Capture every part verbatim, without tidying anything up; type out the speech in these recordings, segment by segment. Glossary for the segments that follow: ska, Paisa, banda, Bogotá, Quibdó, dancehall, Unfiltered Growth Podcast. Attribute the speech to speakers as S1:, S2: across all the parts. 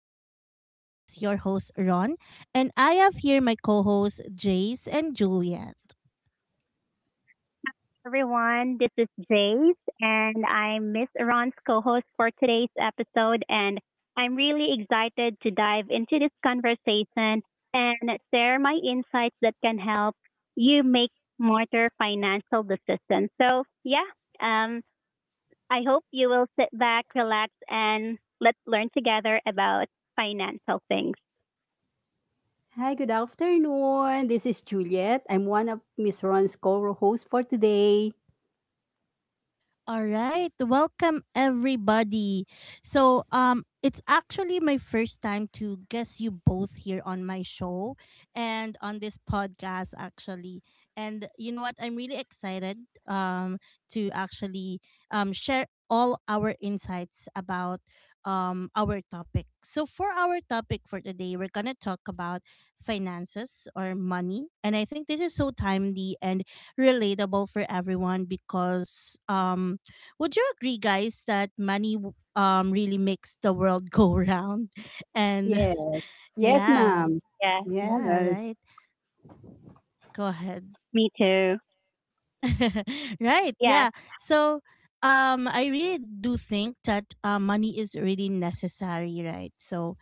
S1: Podcast. This is your host, Ron, and I have here my co hosts, Jace and Juliet.
S2: everyone. This is Jace, and I'm Miss Ron's co host for today's episode. And I'm really excited to dive into this conversation and share my insights that can help you make smarter financial decisions. So, yeah, um, I hope you will sit back, relax, and let's learn together about financial things.
S3: Hi, good afternoon. This is Juliet. I'm one of Miss Ron's co-hosts for today.
S1: All right. Welcome everybody. So, um it's actually my first time to guess you both here on my show and on this podcast actually. And you know what? I'm really excited um to actually um share all our insights about um our topic. So, for our topic for today, we're going to talk about finances or money. And I think this is so timely and relatable for everyone because um would you agree, guys, that money w- um really makes the world go round? And
S3: Yes. Yes,
S1: yeah,
S3: ma'am.
S2: Yeah,
S1: yeah,
S3: Yes.
S1: right. Go ahead.
S2: me too.
S1: Right,
S2: Yes,
S1: yeah, so um I really do think that uh, money is really necessary, right? So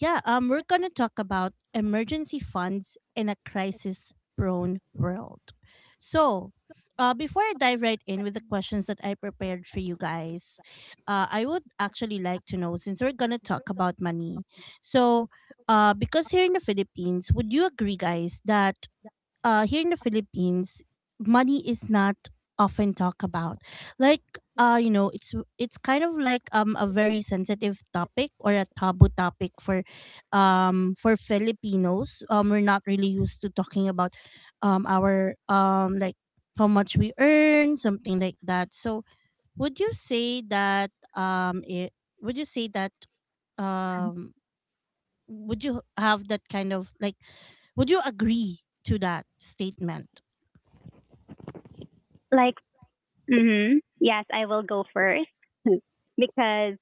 S1: yeah, um we're gonna talk about emergency funds in a crisis prone world. So uh, before I dive right in with the questions that I prepared for you guys, uh, I would actually like to know, since we're gonna talk about money. So, uh, because here in the Philippines, would you agree, guys, that uh, here in the Philippines, money is not often talked about. Like, uh, you know, it's it's kind of like um a very sensitive topic or a taboo topic for, um, for Filipinos. Um, we're not really used to talking about, um, our um like how much we earn, something like that. So, would you say that um, it, would you say that um, would you have that kind of like would you agree to that statement?
S2: like. Mm-hmm. Yes, I will go first because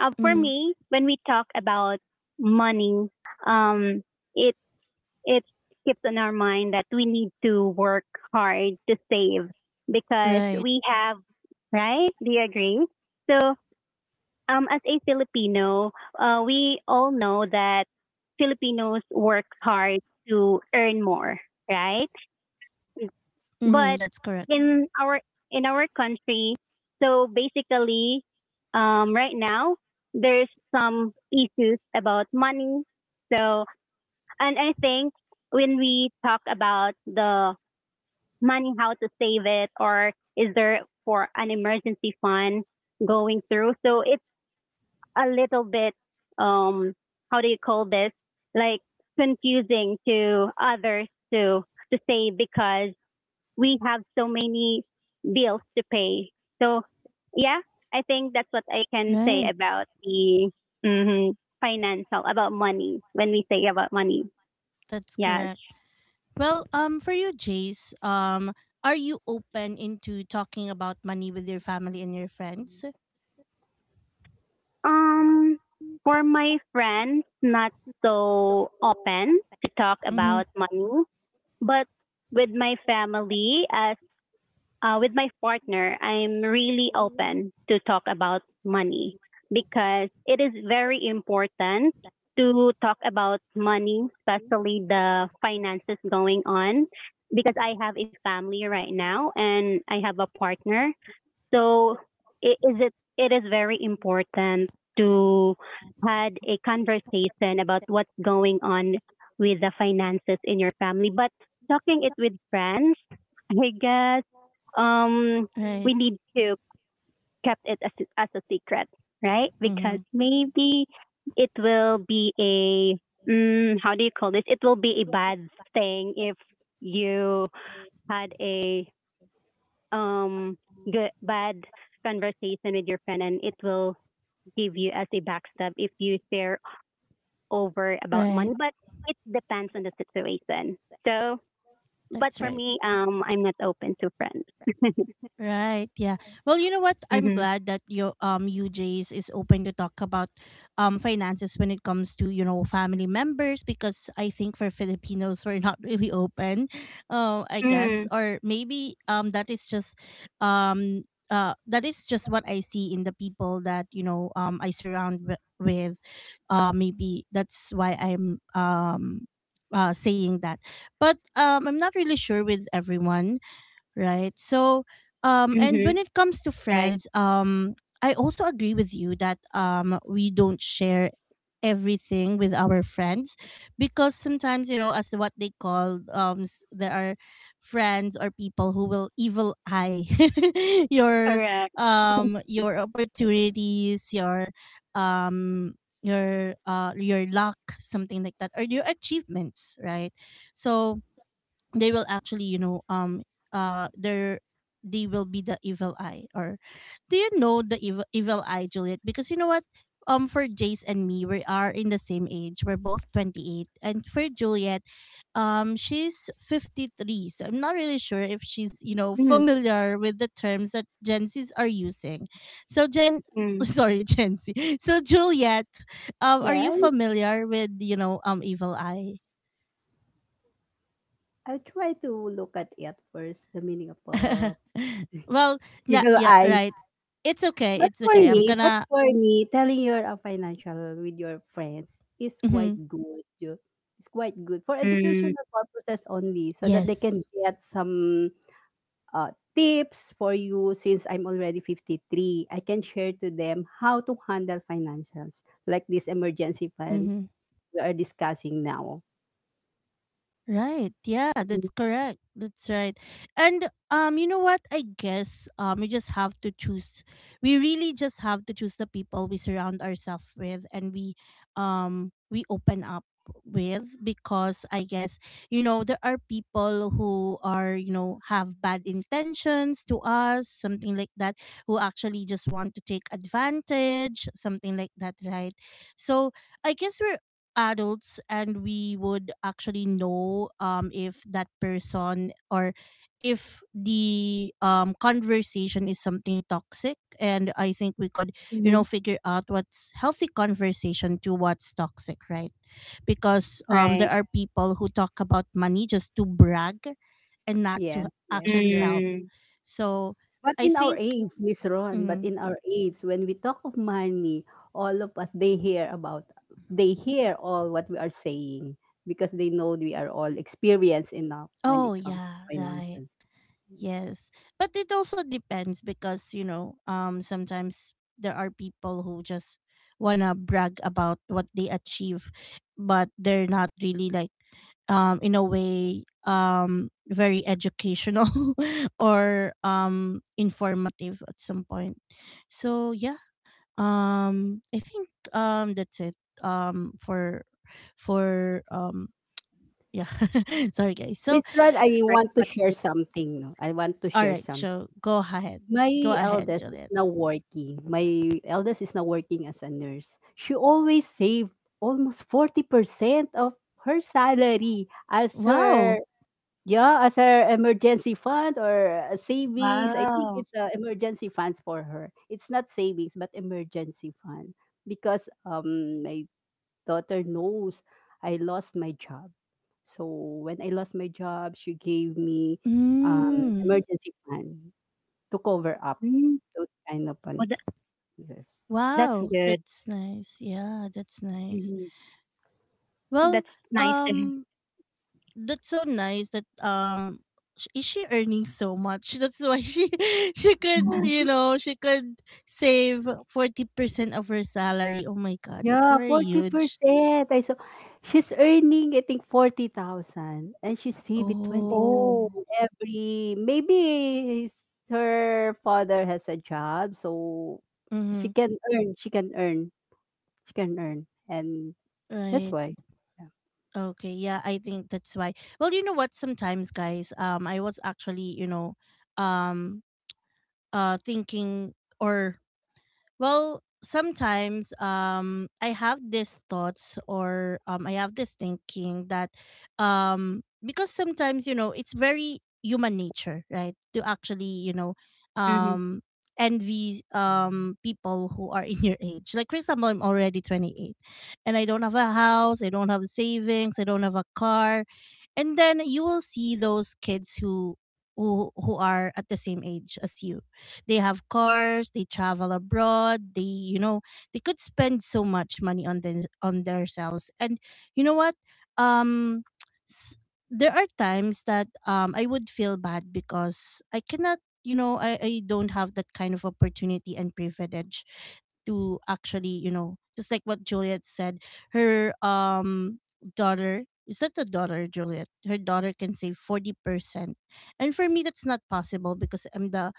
S2: uh, for
S1: Mm,
S2: me, when we talk about money, um, it it keeps on our mind that we need to work hard to save because
S1: right.
S2: we have right. Do you agree? So, um, as a Filipino, uh, we all know that Filipinos work hard to earn more, right? But
S1: Mm, that's correct.
S2: in our in our country, so basically, um, right now there's some issues about money. So and I think when we talk about the money, how to save it, or is there for an emergency fund going through? So it's a little bit um how do you call this, like, confusing to others to to say because we have so many bills to pay. So yeah, I think that's what I can say
S1: Right.
S2: about the hmm financial about money when we say about money.
S1: That's
S2: Yes.
S1: correct. Well, um, for you, Jace, um, are you open into talking about money with your family and your friends?
S2: Um, for my friends, not so open to talk
S1: Mm-hmm.
S2: about money, but with my family, as. Uh, with my partner, I'm really open to talk about money because it is very important to talk about money, especially the finances going on. Because I have a family right now and I have a partner, so I- is it it is very important to had a conversation about what's going on with the finances in your family. But talking it with friends, I guess um
S1: Right.
S2: we need to kept it as as a secret, right?
S1: Mm-hmm.
S2: Because maybe it will be a mm, how do you call this? It will be a bad thing if you had a um good bad conversation with your friend and it will give you as a backstab if you share over about money.
S1: Right.
S2: But it depends on the situation, so. But
S1: That's
S2: for
S1: right.
S2: me, um I'm not open to friends.
S1: Right. Yeah. Well, you know what? I'm
S2: Mhm.
S1: glad that your um U J's, is open to talk about um finances when it comes to, you know, family members, because I think for Filipinos we're not really open. uh I guess,
S2: Mm.
S1: or maybe um that is just um uh that is just what I see in the people that, you know, um I surround w- with. Uh maybe that's why I'm um uh saying that. But um I'm not really sure with everyone, right? So um and
S2: Mhm.
S1: when it comes to
S2: Right.
S1: friends, um I also agree with you that um we don't share everything with our friends, because sometimes, you know, as what they call, um s- there are friends or people who will evil eye your
S2: Correct.
S1: um your opportunities, your um your uh your luck, something like that, or your achievements, right? So they will actually, you know, um uh they're they will be the evil eye. Or do you know the evil, evil eye, Juliet? Because you know what, um for Jace and me, we are in the same age, we're both twenty-eight, and for Juliet, um she's fifty-three, so I'm not really sure if she's, you know,
S2: Mm.
S1: familiar with the terms that gen z's are using. So gen
S2: Mm.
S1: sorry, gen z. So Juliet, um are
S3: Yeah,
S1: you familiar with, you know, um evil eye?
S3: I'll try to look at it first, the meaning of uh,
S1: Well, na
S3: evil
S1: yeah,
S3: eye.
S1: right. It's okay.
S3: But
S1: It's
S3: for
S1: okay. I'm
S3: me, but
S1: gonna.
S3: for me, telling your uh, financial with your friends is
S1: Hmm.
S3: quite good. It's quite good for
S2: Mm.
S3: educational purposes only, so that they can
S1: Yes.
S3: get some uh, tips for you since I'm already fifty-three. I can share to them how to handle financials, like this emergency fund
S1: Mm-hmm.
S3: we are discussing now.
S1: Right. Yeah, that's correct. That's right. And um you know what? I guess um we just have to choose, we really just have to choose the people we surround ourselves with, and we um we open up with, because I guess, you know, there are people who are, you know, have bad intentions to us, something like that, who actually just want to take advantage, something like that, right? So I guess we're adults, and we would actually know um if that person, or if the um conversation is something toxic, and I think we could, you know,
S2: Mhm.
S1: figure out what's healthy conversation to what's toxic, right? Because um
S2: Right.
S1: there are people who talk about money just to brag, and not to
S3: Yes, yes.
S1: actually
S3: There.
S1: help.
S2: Mm.
S1: So
S3: But
S1: I
S3: in our
S1: think,
S3: age, Miss Ron, but
S1: mm,
S3: in our age, when we talk of money, all of us, they hear about, they hear all what we are saying because they know we are all experienced enough when it
S1: oh
S3: comes to
S1: yeah, right.
S3: finances.
S1: Yes. But it also depends because, you know, um sometimes there are people who just wanna brag about what they achieve, but they're not really like, um in a way, um very educational, or um informative at some point. So yeah, um I think um that's it, um for for um yeah. Sorry guys. So
S3: Miss Ron, I
S2: The first
S3: want to share
S2: question.
S3: something. No? I want to
S1: all
S3: share
S1: right,
S3: something.
S1: so go ahead. Go
S3: My
S1: ahead,
S3: eldest is
S1: Juliet.
S3: now working. My eldest is now working as a nurse. She always saved almost forty percent of her salary as
S1: Wow.
S3: her yeah, as her emergency fund or uh, savings. I think
S2: Wow.
S3: it's uh, emergency funds for her. It's not savings but emergency fund because um my daughter knows I lost my job. So when I lost my job, she gave me um
S1: Mm.
S3: emergency fund to cover up
S2: Mm.
S3: those kind of one.
S2: Well, that,
S3: Yes.
S2: that's
S1: Wow,
S2: good.
S1: that's nice. Yeah, that's nice.
S2: Mhm.
S1: Well,
S2: That's nice to hear.
S1: um that's so nice that um sh- is she earning so much? That's why she she could, you know, she could save forty percent of her salary. Oh my god, that's
S3: Yeah,
S1: very huge.
S3: forty percent. I saw she's earning I think forty thousand and she save it
S1: Oh.
S2: Oh.
S3: twenty thousand every maybe her father has a job so she
S1: Mhm.
S3: can earn, she can earn, she can earn and that's
S1: Right.
S3: why.
S1: Okay. Yeah, I think that's why. Well, you know what, sometimes, guys, um I was actually, you know, um uh thinking, or, well, sometimes um I have these thoughts, or um I have this thinking that, um because sometimes, you know, it's very human nature, right? To actually, you know,
S2: Mhm.
S1: um envy um people who are, in your age. Like for example, I'm already twenty-eight and I don't have a house, I don't have savings, I don't have a car. And then you will see those kids who who who are at the same age as you, they have cars, they travel abroad, they, you know, they could spend so much money on them, on themselves. And you know what? Um s- there are times that um I would feel bad because I cannot, you know, I, I don't have that kind of opportunity and privilege to actually, you know, just like what Juliet said, her um daughter, is that the daughter, Juliet? Her daughter can save forty percent. And for me that's not possible, because I'm the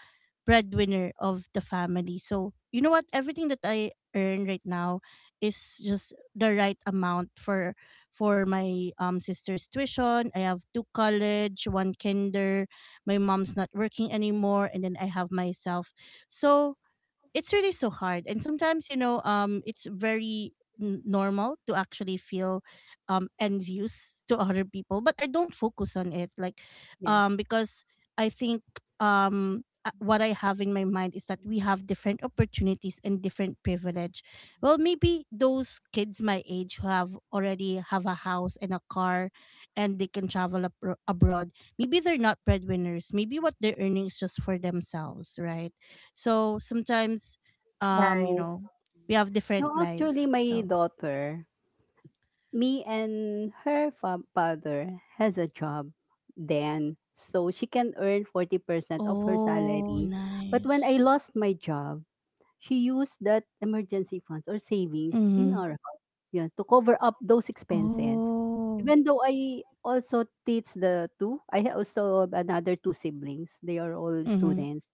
S1: breadwinner of the family. So, you know what? Everything that I earn right now is just the right amount for for my um sister's tuition. I have two college, one kinder. My mom's not working anymore and then I have myself. So, it's really so hard, and sometimes, you know, um it's very n- normal to actually feel um envious to other people, but I don't focus on it, like,
S3: Yeah. Yes.
S1: um because I think, um uh, what I have in my mind is that we have different opportunities and different privilege. Well, maybe those kids my age who have already have a house and a car and they can travel abro- abroad, maybe they're not breadwinners, maybe what they're earning is just for themselves, right? So sometimes, um, you
S2: Nice.
S1: know, we have
S3: No,
S1: different
S3: actually
S1: life.
S3: my
S1: So
S3: daughter, me and her fa- father has a job then, so she can earn forty percent of her
S1: oh,
S3: salary. But when I
S1: nice.
S3: lost my job, she used that emergency funds or savings in
S1: Mm-hmm.
S3: our house, yeah, to cover up those expenses.
S1: Oh.
S3: Even though I also teach the two, I ha- also have another two siblings. They are all
S1: Mm-hmm.
S3: students.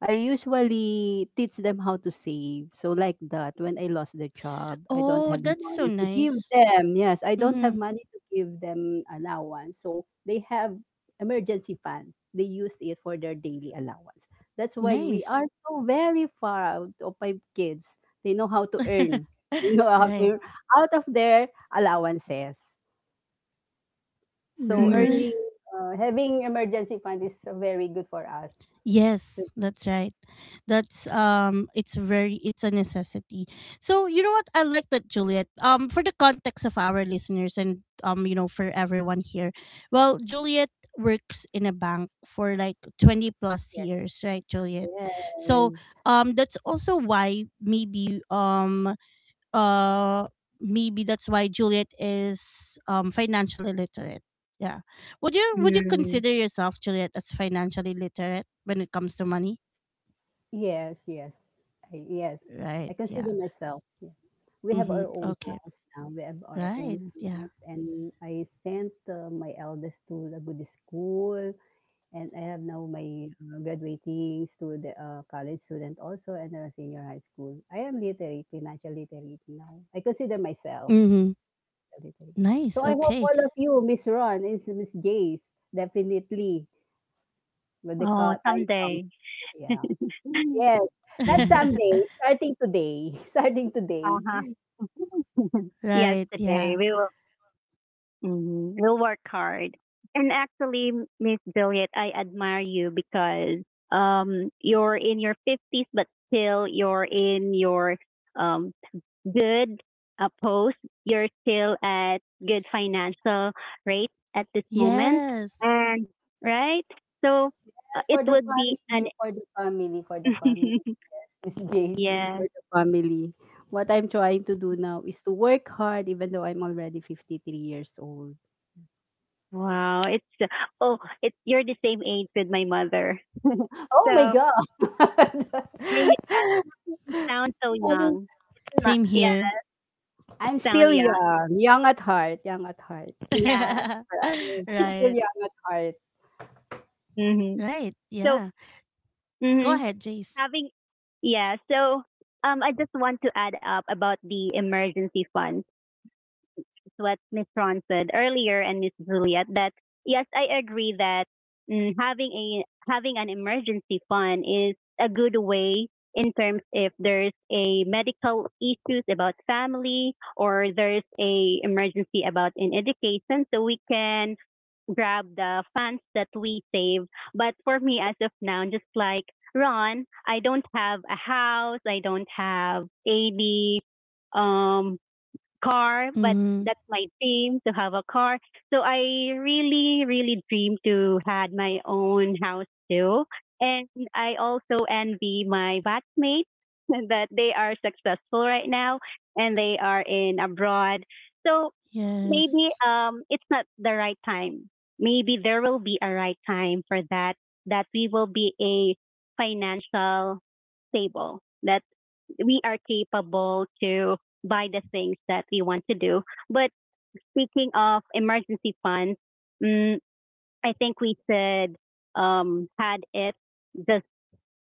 S3: I usually teach them how to save. So like that, when I lost the job, I don't
S1: Oh,
S3: have the
S1: that's so
S3: money to give
S1: nice.
S3: them. Yes, I don't have
S1: Mm-hmm.
S3: money to give them allowance. So they have emergency fund. They use it for their daily allowance. That's why we
S1: Nice.
S3: are so very far out of my kids. They know how to earn. You know how to
S1: Right.
S3: earn out of their allowances. So
S2: Mm.
S3: earning, uh, having emergency fund is very good for us.
S1: Yes, that's right. That's um it's very it's a necessity. So you know what I like that, Juliet. Um for the context of our listeners and, um you know, for everyone here. Well, Juliet works in a bank for like twenty plus years, right, Juliet?
S3: Yes,
S1: So
S3: yes.
S1: um that's also why maybe um uh maybe that's why Juliet is um financially literate. Yeah. Would you would you
S2: Hmm.
S1: consider yourself, Juliet, as financially literate when it comes to money?
S3: Yes, yes. I Yes. I
S1: Right. Yeah.
S3: consider myself, yeah. We have
S1: Mhm.
S3: our own
S1: Okay.
S3: house now, we have our own
S1: Right. Yeah.
S3: house, and I sent, uh, my eldest to the Buddhist school, and I have now my, uh, graduating student, uh, college student also, and a senior high school. I am literate, financial literate now. I consider myself
S1: Mhm.
S3: literate. So
S1: Nice.
S3: I hope
S1: Okay.
S3: all of you, Miss Ron and Miss Jace, definitely when the co
S2: Oh,
S3: time comes,
S2: someday.
S3: yeah. Yes, not
S2: Yeah.
S3: someday, starting today, starting today.
S2: Uh-huh. Yes,
S1: Right.
S2: today
S1: Yeah.
S2: we will. Mm, we'll work hard. And actually, Miss Juliet, I admire you because um you're in your fifties, but still you're in your um good uh, post. You're still at good financial rate at this moment,
S1: Yes.
S2: and right. So uh,
S3: That's
S2: it
S3: for the
S2: would be an.
S3: family, for the family, for the family. Yes, Miss Jade,
S2: Yeah.
S3: for the family. What I'm trying to do now is to work hard, even though I'm already fifty-three years old.
S2: Wow. It's uh, oh, it's you're the same age with my mother.
S3: Oh my
S2: So
S3: God! I
S2: really it sounds so
S3: mean,
S2: young. Not-
S1: Same
S2: yeah,
S1: here.
S3: I'm
S2: sound
S3: still
S2: young.
S3: young, young at heart, young at heart.
S2: Yeah.
S3: Yes, I'm still
S1: Right.
S3: young at heart.
S2: Mm-hmm.
S1: Right.
S2: So
S1: Yeah. Go
S2: hmm
S1: ahead, Jace.
S2: having yeah. So um, I just want to add up about the emergency fund, what Miss Ron said earlier and Miss Juliet, that yes, I agree that mm, having a having an emergency fund is a good way in terms if there's a medical issues about family or there's a emergency about in education, so we can grab the funds that we save. But for me as of now, just like Ron, I don't have a house, I don't have any um car, but
S1: Mhm.
S2: that's my dream to have a car. So I really, really dream to had my own house too. And I also envy my batchmates that they are successful right now and they are in abroad. So maybe
S1: Yes.
S2: um it's not the right time. Maybe there will be a right time for that, that we will be a financial stable, that we are capable to buy the things that we want to do. But speaking of emergency funds, mm, I think we should um, had it just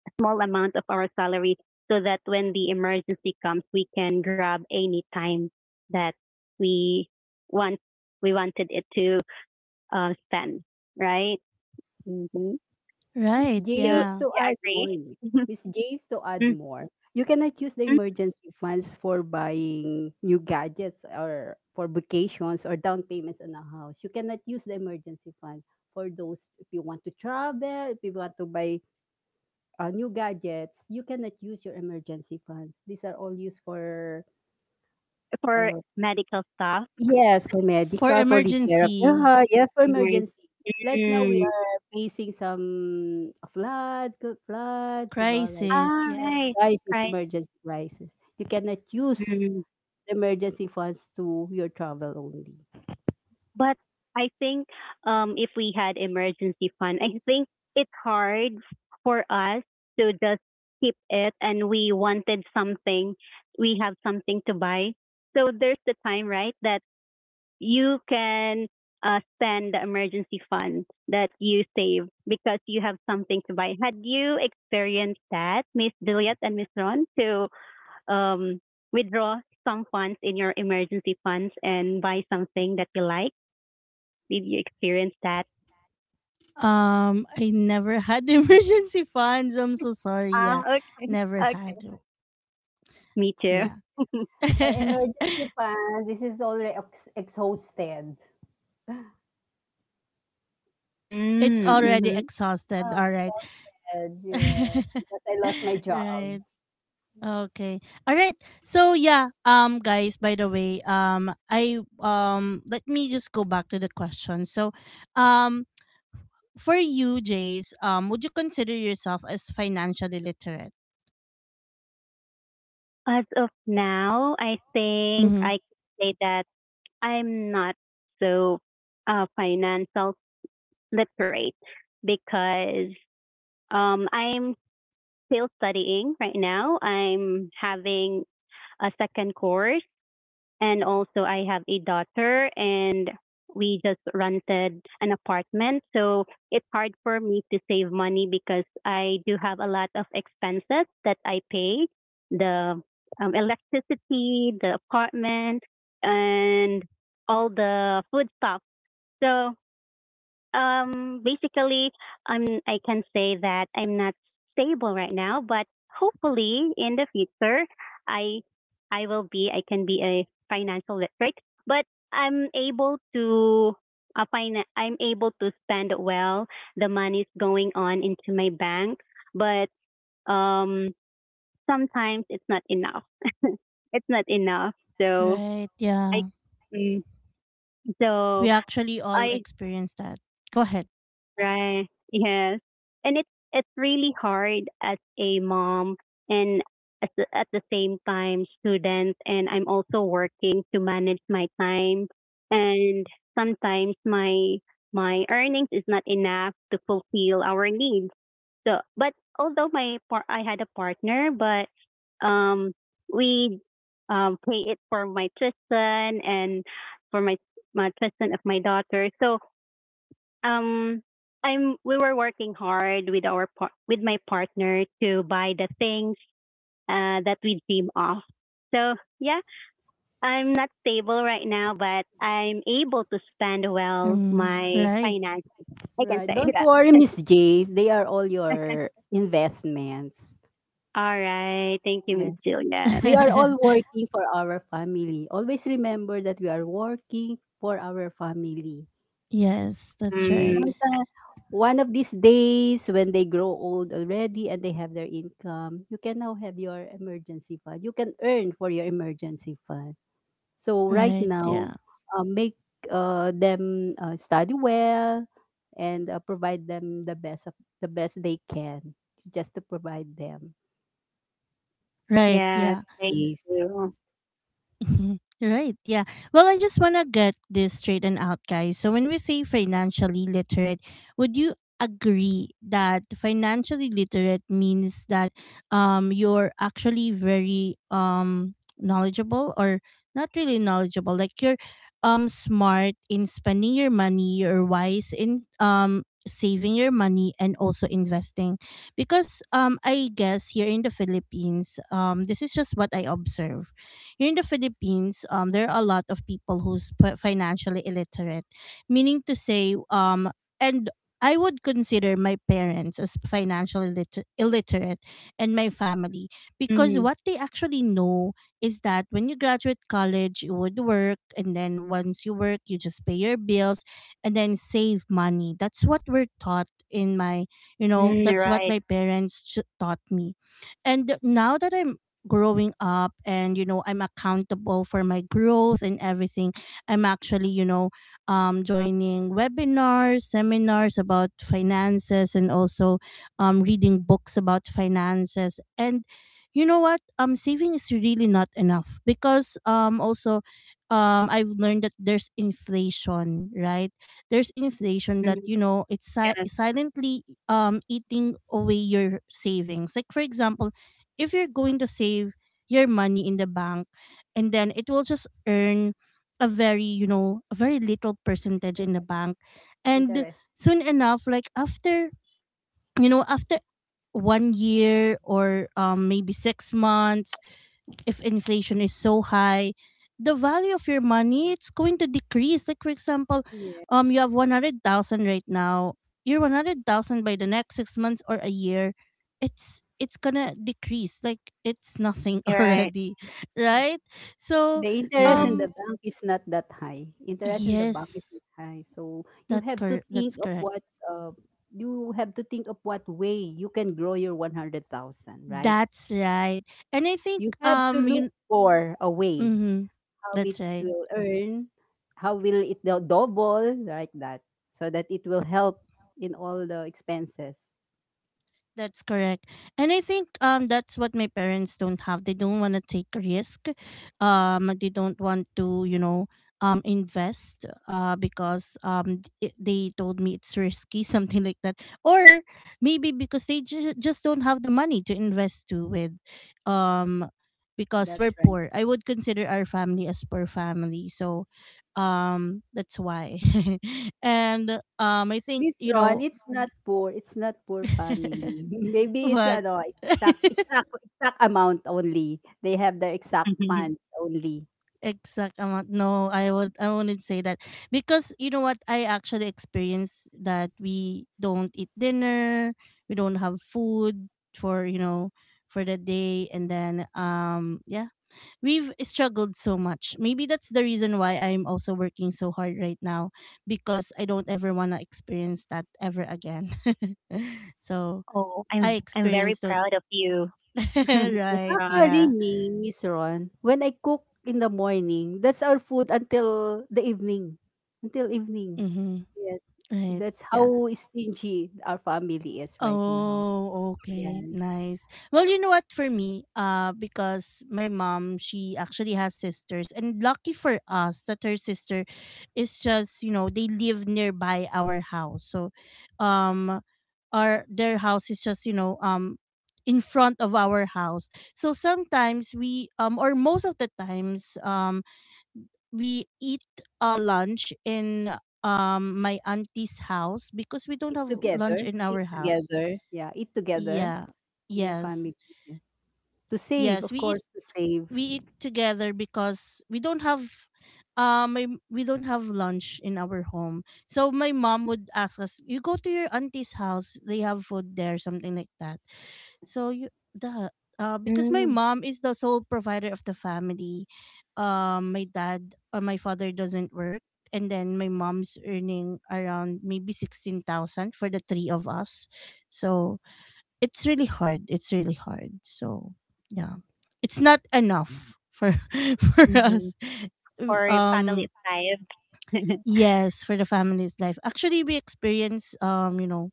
S2: a small amount of our salary so that when the emergency comes, we can grab any time that we want we wanted it to uh, spend, right? Mm-hmm.
S3: Miss
S1: Right.
S2: So
S3: J,
S1: Yeah.
S3: to
S2: yeah, I
S3: add
S2: agree.
S3: more. Miss J, to add
S2: Mhm.
S3: more. You cannot use the emergency funds for buying new gadgets or for vacations or down payments on a house. You cannot use the emergency fund for those if you want to travel, if you want to buy uh, new gadgets. You cannot use your emergency funds. These are all used for
S2: For
S3: uh,
S2: medical staff.
S3: yes, for
S1: For
S3: medical, for repair of the
S1: emergency.
S3: house, yes, for emergency. Like now we
S2: Mm.
S3: are facing some floods, good floods, diba, right,
S1: Crisis,
S2: All right,
S1: yes.
S3: crisis,
S2: right.
S3: emergency crisis. You cannot use
S2: Mm.
S3: the emergency funds to your travel only.
S2: But I think um, if we had emergency fund, I think it's hard for us to just keep it, and we wanted something. We have something to buy, so there's the time, right, that you can uh, spend the emergency fund that you save because you have something to buy. Had you experienced that, Miss Juliet and Miss Ron, to um, withdraw some funds in your emergency funds and buy something that you like? Did you experience that?
S1: Um, I never had emergency funds. I'm so sorry.
S2: Ah,
S1: Yeah,
S2: okay.
S1: never
S2: Okay.
S1: had.
S2: Me too.
S1: Yeah.
S3: My emergency fund, this is already ex- exhausted.
S1: It's
S2: Mm,
S1: already
S2: hmm.
S1: exhausted.
S3: Ah,
S1: All right.
S3: exhausted, yes. Because I lost my job.
S1: Right. Okay. All right. So yeah, um guys, by the way, um I um let me just go back to the question. So, um for you, Jace, um would you consider yourself as financially literate?
S2: As of now, I think
S1: Mhm.
S2: I can say that I'm not so uh, financial literate because um, I'm still studying right now. I'm having a second course. And also, I have a daughter, and we just rented an apartment. So it's hard for me to save money because I do have a lot of expenses that I pay the um, electricity, the apartment, and all the food stuff. So um, basically, I'm I can say that I'm not stable right now, but hopefully in the future, I I will be I can be a financial literate, but I'm able to uh, finan- I'm able to spend well. The money's going on into my bank, but um, sometimes it's not enough. It's not enough. So
S1: Right.
S2: I
S1: Yeah.
S2: mm, so
S1: We actually all
S2: I
S1: experience that. Go ahead.
S2: Right. Yes. And it's it's really hard as a mom and at the, at the same time student, and I'm also working to manage my time and sometimes my my earnings is not enough to fulfill our needs. So but although my par- I had a partner, but um we um pay it for my Tristan and for my my Tristan of my daughter. So um I'm we were working hard with our par- with my partner to buy the things uh that we dream of, so yeah, I'm not stable right now, but I'm able to spend well
S1: Um,
S2: my
S1: right.
S2: finance, I can
S3: Right.
S2: say
S3: Don't
S2: that.
S3: worry, Miss J. They are all your investments.
S2: All right, thank you,
S3: Yeah.
S2: Miss Juliet.
S3: We are all working for our family. Always remember that we are working for our family.
S1: Yes, that's right.
S2: Mm,
S3: Sometimes one of these days when they grow old already and they have their income, you can now have your emergency fund. You can earn for your emergency fund. So right
S1: Right.
S3: now,
S1: Yeah.
S3: uh, make uh, them uh, study well and uh, provide them the best of the best they can, just to provide them.
S1: Right.
S2: yeah,
S1: Yeah.
S2: thank
S3: Yes.
S2: you.
S1: Mhm. Right. Yeah. Well, I just want to get this straightened out, guys. So, when we say financially literate, would you agree that financially literate means that um you're actually very um knowledgeable, or not really knowledgeable, like, you're um smart in spending your money, you're wise in um saving your money, and also investing, because um I guess here in the Philippines, um this is just what I observe. Here in the Philippines, um, there are a lot of people who's p- financially illiterate, meaning to say, um, and I would consider my parents as financially illiter- illiterate, and my family, because
S2: Mm,
S1: what they actually know is that when you graduate college, you would work, and then once you work, you just pay your bills and then save money. That's what we're taught in my, you know,
S2: mm,
S1: that's what
S2: right.
S1: my parents ch- taught me. And now that I'm growing up and you know I'm accountable for my growth and everything, I'm actually you know um, joining webinars, seminars about finances, and also um, reading books about finances. And you know what, um saving is really not enough because um also um I've learned that there's inflation, right? There's inflation that,
S2: Mm,
S1: you know, it's si-
S2: yes,
S1: silently um eating away your savings. Like for example, if you're going to save your money in the bank, and then it will just earn a very, you know, a very little percentage in the bank. And
S3: Interest.
S1: soon enough, like after, you know, after one year or um, maybe six months, if inflation is so high, the value of your money, it's going to decrease. Like for example, um, you have one hundred thousand right now. Your one hundred thousand by the next six months or a year, it's it's gonna decrease. Like it's nothing
S2: you're right.
S1: already, right? So,
S3: The interest in
S2: Hmm.
S3: the
S1: um,
S3: bank is not that high. Interest in the bank is
S1: yes,
S3: not high. So you
S1: that
S3: have to
S1: cor-
S3: think
S1: that's
S3: of
S1: correct.
S3: what, uh, you have to think of what way you can grow your one hundred thousand, right?
S1: That's right. And I think
S3: You have to
S1: um,
S3: look
S1: you.
S3: for a way
S1: Mm-hmm,
S3: how it
S1: that's right.
S3: will earn, how will it do- double, like that, so that it will help in all the expenses.
S1: That's correct. And I think um that's what my parents don't have. They don't want to take risk. Um they don't want to, you know, um invest uh because um th- they told me it's risky something like that. Or maybe because they ju- just don't have the money to invest to with um because
S3: That's
S1: we're
S3: right.
S1: poor. I would consider our family as poor family. So um that's why. And um I think,
S3: Miss
S1: you
S3: Ron,
S1: know,
S3: it's not poor. It's not poor family. Maybe it's
S1: what
S3: ano, exact exact exact amount only. They have their exact funds only.
S1: exact amount, no, I would, I wouldn't say that because you know what, I actually experienced that we don't eat dinner, we don't have food for, you know, for the day. And then um yeah, we've struggled so much. Maybe that's the reason why I'm also working so hard right now, because I don't ever want to experience that ever again. So
S2: Oh,
S1: I
S2: i'm i'm very
S1: experienced that.
S2: proud of you. Miss
S1: Right,
S2: Ron.
S3: Actually,
S1: yeah.
S3: me, Miss Ron, when I cook in the morning, that's our food until the evening. Until evening.
S1: Mm-hmm.
S3: Yes.
S1: Right,
S3: That's
S1: yeah.
S3: how stingy our family is right now.
S1: Oh, okay.
S3: Yes.
S1: Nice. Well, you know what, for me, uh because my mom, she actually has sisters, and lucky for us that her sister is just, you know, they live nearby our house. So, um our, their house is just, you know, um in front of our house. So sometimes we um or most of the times um we eat uh, lunch in um my auntie's house because we don't
S3: Eat
S1: have
S3: together.
S1: lunch in
S3: Eat
S1: our house.
S3: together. Yeah, eat together
S1: Yeah.
S3: with your
S1: Yes.
S3: family. Yeah. To save,
S1: Yes.
S3: of
S1: We eat,
S3: course, to save.
S1: we eat together because we don't have um my, we don't have lunch in our home. So my mom would ask us, "You go to your auntie's house. They have food there," something like that. So you, the, uh because my
S2: Mm.
S1: mom is the sole provider of the family. Um my dad, uh, my father doesn't work, and then my mom's earning around maybe sixteen thousand for the three of us. So it's really hard. It's really hard. So yeah, it's not enough for for
S2: Mm-hmm.
S1: us.
S2: Or
S1: Um,
S2: family life.
S1: Yes, for the family's life. Actually, we experience um, you know,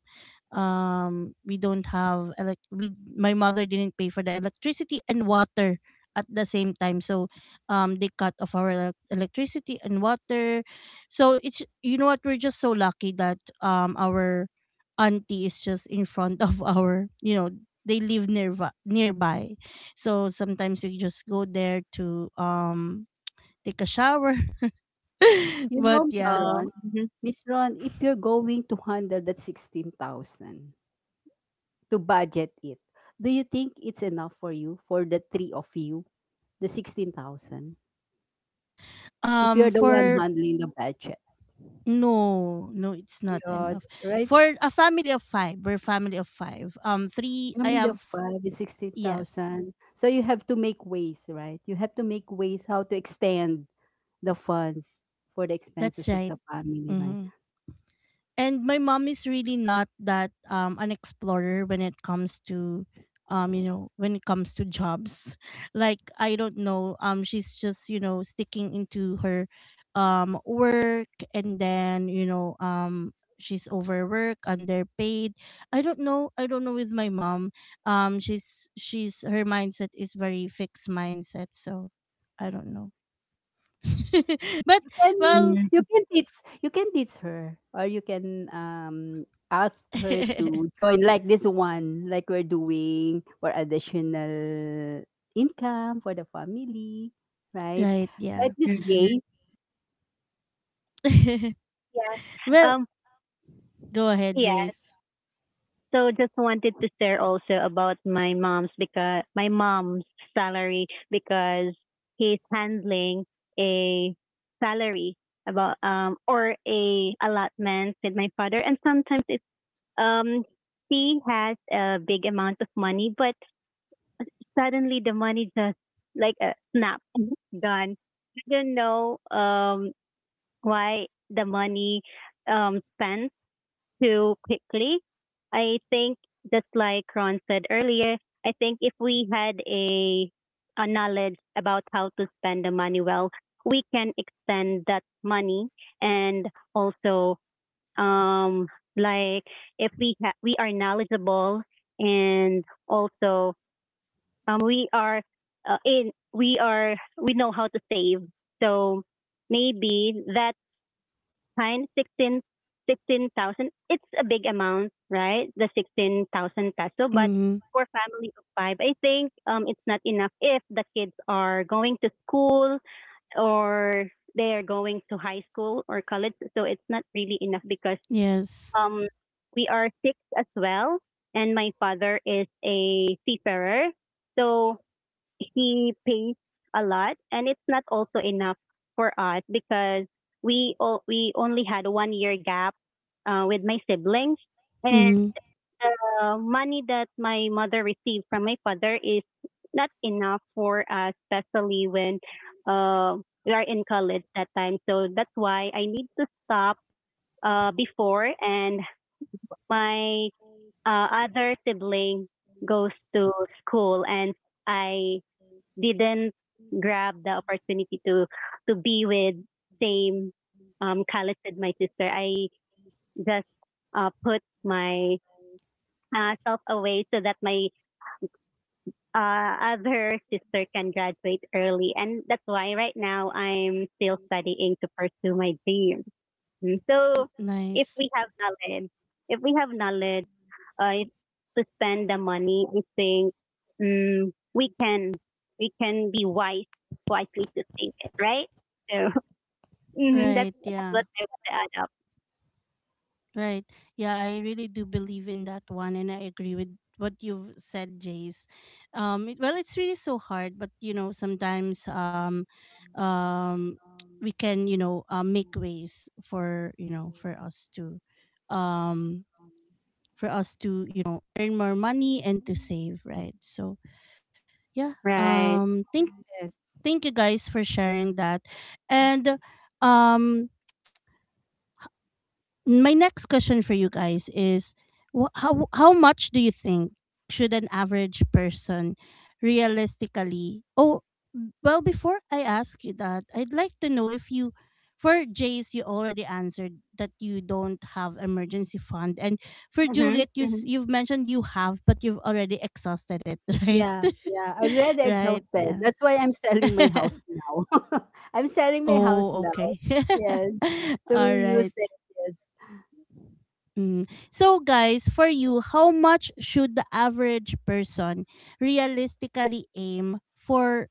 S1: um, we don't have elect. We, my mother didn't pay for the electricity and water at the same time, so um, they cut off our elec electricity and water. So it's, you know what, we're just so lucky that um our auntie is just in front of our, you know, they live nearby nearby, so sometimes we just go there to um take a shower,
S3: You
S1: but
S3: know, Miss
S1: yeah.
S2: Um,
S3: Ron,
S2: mhm.
S3: Miss Ron, if you're going to handle that sixteen thousand to budget it, do you think it's enough for you, for the three of you, the sixteen thousand? If
S1: Um,
S3: you're the one Mm.
S1: for
S3: handling the budget,
S1: no, no, it's not
S3: yeah,
S1: enough.
S3: right?
S1: For a family of five, we're family of five. Um, three. I
S3: Family of
S1: have
S3: five is
S1: yes,
S3: sixteen thousand. So you have to make ways, right? You have to make ways how to extend the funds for the expenses
S1: that's
S3: of
S1: right.
S3: the family, right?
S1: Mm-hmm. And my mom is really not that um an explorer when it comes to um you know, when it comes to jobs like I don't know, um she's just, you know, sticking into her um work. And then, you know, um she's overworked, underpaid. I don't know, I don't know with my mom. um she's she's her mindset is very fixed mindset, so I don't know. But
S3: Can
S1: well.
S3: you,
S2: Mm-hmm.
S3: can teach, you can teach her, or you can um ask her to join like this one like we're doing for additional income for the family, right?
S1: Right, yeah.
S3: Right, this
S2: Mm-hmm.
S3: Jace?
S2: Yes.
S1: Well,
S2: Um,
S1: go ahead,
S2: yes.
S1: Jace.
S2: So just wanted to share also about my mom's, because my mom's salary, because he's handling a salary about um or a allotment with my father, and sometimes it's um he has a big amount of money, but suddenly the money just like a snap gone. I don't know um why the money um spent too quickly. I think just like Ron said earlier, I think if we had a a knowledge about how to spend the money well, we can extend that money and also um like if we ha- we are knowledgeable and also um, we are uh, in we are we know how to save. So maybe that kind sixteen sixteen thousand, it's a big amount, right? The sixteen thousand peso, but
S1: Mm-hmm.
S2: for family of five, I think um it's not enough if the kids are going to school or they are going to high school or college, so it's not really enough because
S1: Yes.
S2: um we are six as well and my father is a seafarer. So he pays a lot and it's not also enough for us because we o- we only had a one year gap uh, with my siblings and
S1: Mm-hmm.
S2: uh, money that my mother received from my father is not enough for us, especially when uh, we are in college that time, so that's why I need to stop uh, before and my uh, other sibling goes to school, and I didn't grab the opportunity to to be with same um Khaled said my sister. I just uh, put my uh, self away so that my uh, other sister can graduate early, and that's why right now I'm still studying to pursue my dream. So if
S1: Nice.
S2: we have knowledge, if we have knowledge, uh, to spend the money, I think mm, we can we can be wise wisely to save it, right? So hmm that's
S1: Right,
S2: that's
S1: yeah.
S2: what I want to add up.
S1: Right. Yeah, I really do believe in that one, and I agree with what you've said, Jace. Um it, well, it's really so hard, but you know, sometimes um um we can, you know, uh, make ways for, you know, for us to um for us to, you know, earn more money and to save, right? So, yeah.
S2: Right.
S1: Um thank
S3: Yes.
S1: Thank you guys for sharing that. And um my next question for you guys is, wh- how how much do you think should an average person realistically, oh, well before I ask you that, I'd like to know if you, for Jace, you already answered that you don't have emergency fund, and for
S2: Hmm.
S1: Juliet, you s-
S2: Hmm.
S1: you've mentioned you have, but you've already exhausted it, right?
S3: Yeah, yeah, I'm already
S1: Right,
S3: exhausted,
S1: yeah.
S3: that's why I'm selling my house now. I'm selling my house
S1: Oh,
S3: now,
S1: okay.
S3: yes, to
S1: All
S3: use
S1: right.
S3: it.
S1: Mm. So, guys, for you, how much should the average person realistically aim for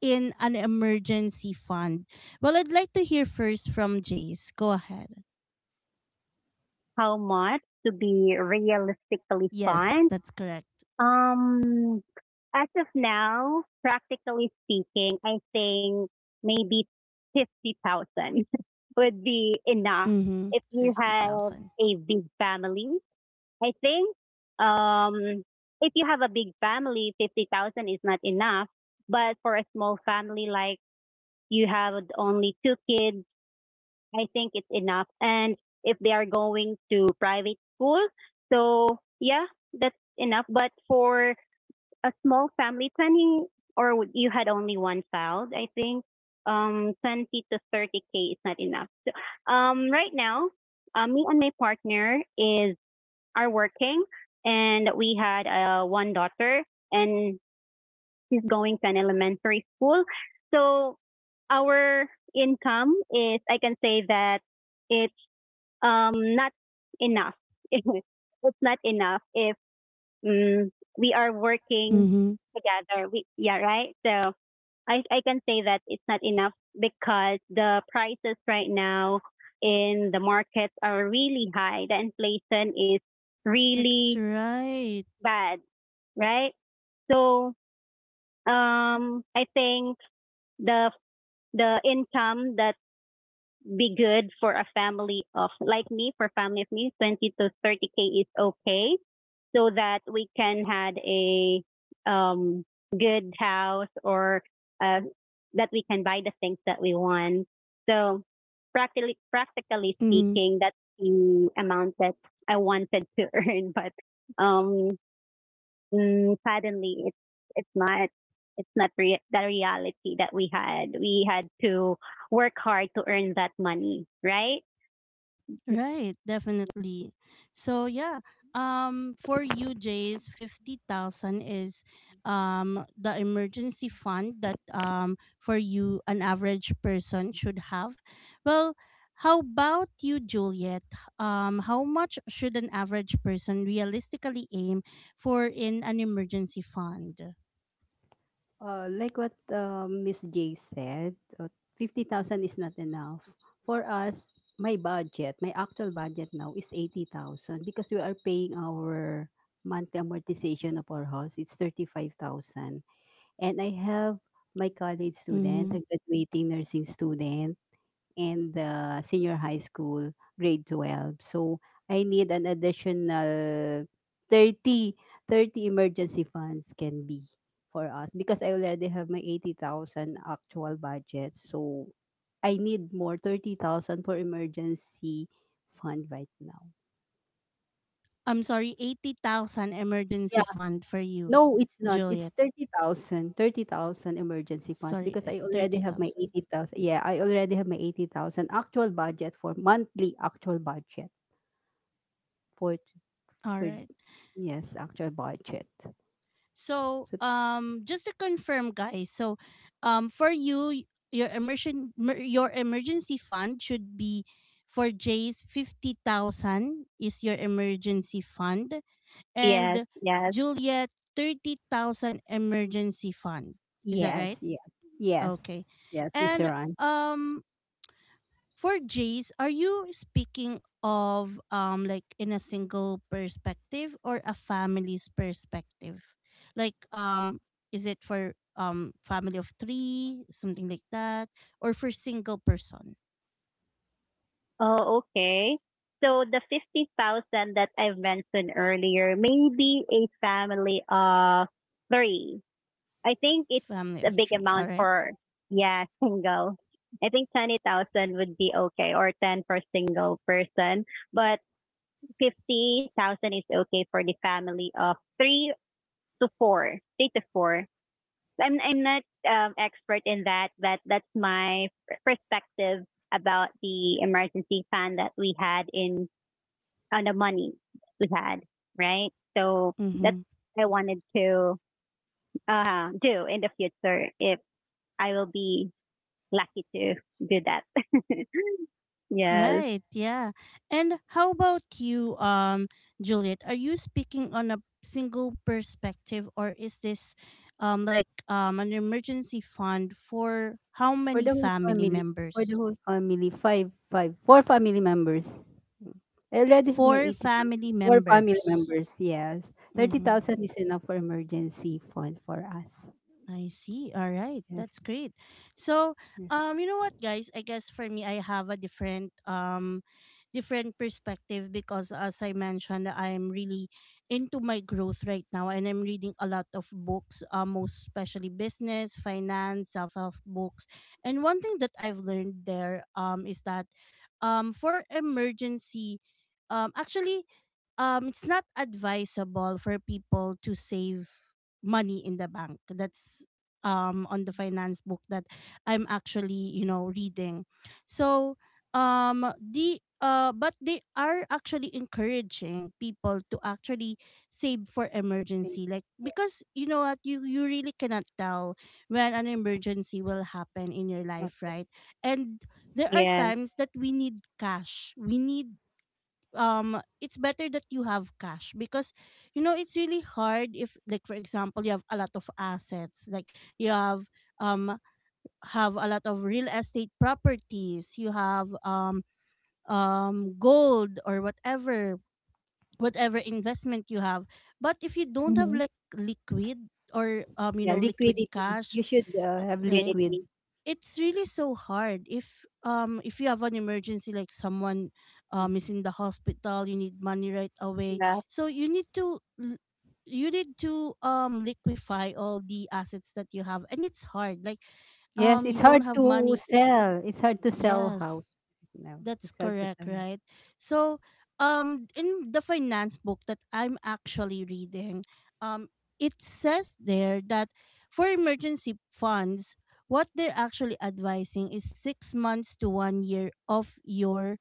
S1: in an emergency fund? Well, I'd like to hear first from Jace. Go ahead.
S2: How much to be realistically
S1: Yes,
S2: fun?
S1: that's correct.
S2: Um, as of now, practically speaking, I think maybe fifty thousand would be enough
S1: Mm-hmm.
S2: if you have
S1: fifty thousand.
S2: a big family. I think um, if you have a big family, fifty thousand is not enough. But for a small family, like you have only two kids, I think it's enough. And if they are going to private school, so yeah, that's enough. But for a small family, twenty, or you had only one child, I think um, twenty to thirty K is not enough. Um, right now, uh, me and my partner is are working, and we had uh, one daughter, and she's going to an elementary school. So our income is, I can say that it's um, not enough. It's not enough if um, we are working
S1: Mm-hmm.
S2: together. We, yeah, right. So I, I can say that it's not enough because the prices right now in the markets are really high. The inflation is really
S1: That's right.
S2: bad, right? So um, I think the the income that be good for a family of like me for family of me twenty to thirty k is okay so that we can had a um good house or uh, that we can buy the things that we want. So practically practically speaking, that's the amount that I wanted to earn. But um Mm, suddenly, it's it's not it's not re- the reality that we had. We had to work hard to earn that money, right?
S1: Right, definitely. So yeah, um for you Jays, fifty thousand is um the emergency fund that um for you an average person should have. Well, how about you, Juliet? Um how much should an average person realistically aim for in an emergency fund?
S3: Uh, like what um, Miss J said, uh, fifty thousand is not enough. For us, my budget, my actual budget now is eighty thousand, because we are paying our monthly amortization of our house. It's thirty five thousand. And I have my college student,
S1: Mhm.
S3: a graduating nursing student, and the senior high school, grade twelve. So I need an additional thirty thirty emergency funds can be for us because I already have my eighty thousand actual budget. So I need more thirty thousand for emergency fund right now.
S1: I'm sorry, eighty thousand emergency
S3: Yeah,
S1: fund for you,
S3: no, it's not. It's
S1: Juliet.
S3: thirty thousand thirty thousand emergency funds
S1: Sorry,
S3: because
S1: uh,
S3: I already have my
S1: thirty thousand.
S3: eighty thousand. Yeah, I already have my eighty thousand actual budget for monthly actual budget for
S1: All
S3: for
S1: right.
S3: yes, actual budget.
S1: So,
S3: So
S1: um, just to confirm, guys. So, um, for you, y- your immersion, mer- your emergency fund should be, for Jay's fifty thousand is your emergency fund,
S2: Yes,
S1: and
S2: yes.
S1: Juliet thirty thousand emergency fund. Is that
S3: yes,
S1: right?
S3: yes, yes,
S1: Okay,
S3: yes, Mister
S1: and
S3: Ron.
S1: um, for Jace, are you speaking of um like in a single perspective or a family's perspective? Like um is it for um family of three, something like that, or for single person,
S2: Oh, okay. So the fifty thousand that I've mentioned earlier, maybe a family of three. I think it's
S1: family
S2: a
S1: of
S2: big
S1: three, all
S2: amount
S1: right?
S2: for, yeah, single. I think twenty thousand would be okay, or ten for single person. But fifty thousand is okay for the family of three to four, three to four. I'm I'm not um, expert in that, but that's my perspective about the emergency fund that we had in on the money we had, right? So that's what I wanted to uh, do in the future, if I will be lucky to do that. Yes,
S1: Right, yeah. And how about you, um, Juliet? Are you speaking on a single perspective, or is this um like um an emergency fund for how
S3: For
S1: many
S3: the whole
S1: family
S3: family, for the
S1: members?
S3: whole family, five, five, four family members. I already have my
S1: Four
S3: eighty thousand.
S1: family
S3: Four family
S1: members.
S3: members, yes. Thirty
S1: Mm-hmm.
S3: thousand is enough for emergency fund for us.
S1: I see. All right.
S3: Yes.
S1: That's great. So,
S3: Yes.
S1: um you know what guys, I guess for me I have a different um different perspective, because as I mentioned, I'm really into my growth right now and I'm reading a lot of books, uh, most especially business, finance, self-help books. And one thing that I've learned there um is that um for emergency um actually um it's not advisable for people to save money in the bank. That's um on the finance book that I'm actually, you know, reading. So um the uh but they are actually encouraging people to actually save for
S3: Same.
S1: emergency, like, because you know what, you you really cannot tell when an emergency will happen in your
S3: Yeah, up-
S1: life, right? And there are
S2: yes.
S1: times that we need cash, we need um it's better that you have cash because, you know, it's really hard if, like for example, you have a lot of assets like you have um have a lot of real estate properties, you have um um gold or whatever, whatever investment you have, but if you don't have
S2: Mm-hmm.
S1: like liquid or um you
S3: yeah,
S1: know, liquid
S3: liquidity.
S1: cash,
S3: You should uh, have
S1: right?
S3: liquid.
S2: Really,
S1: It's really so hard if um if you have an emergency, like someone um is in the hospital, you need money right away.
S2: yeah.
S1: So you need to l- you need to um liquefy all the assets that you have, and it's hard, like
S3: Yes,
S1: um you
S3: it's
S1: don't
S3: hard
S1: have
S3: to
S1: money.
S3: sell. It's hard to sell house.
S1: Yes,
S3: No,
S1: that's
S3: it's hard to
S1: correct,
S3: sell.
S1: right? So, um, in the finance book that I'm actually reading, um, it says there that for emergency funds, what they're actually advising is six months to one year of your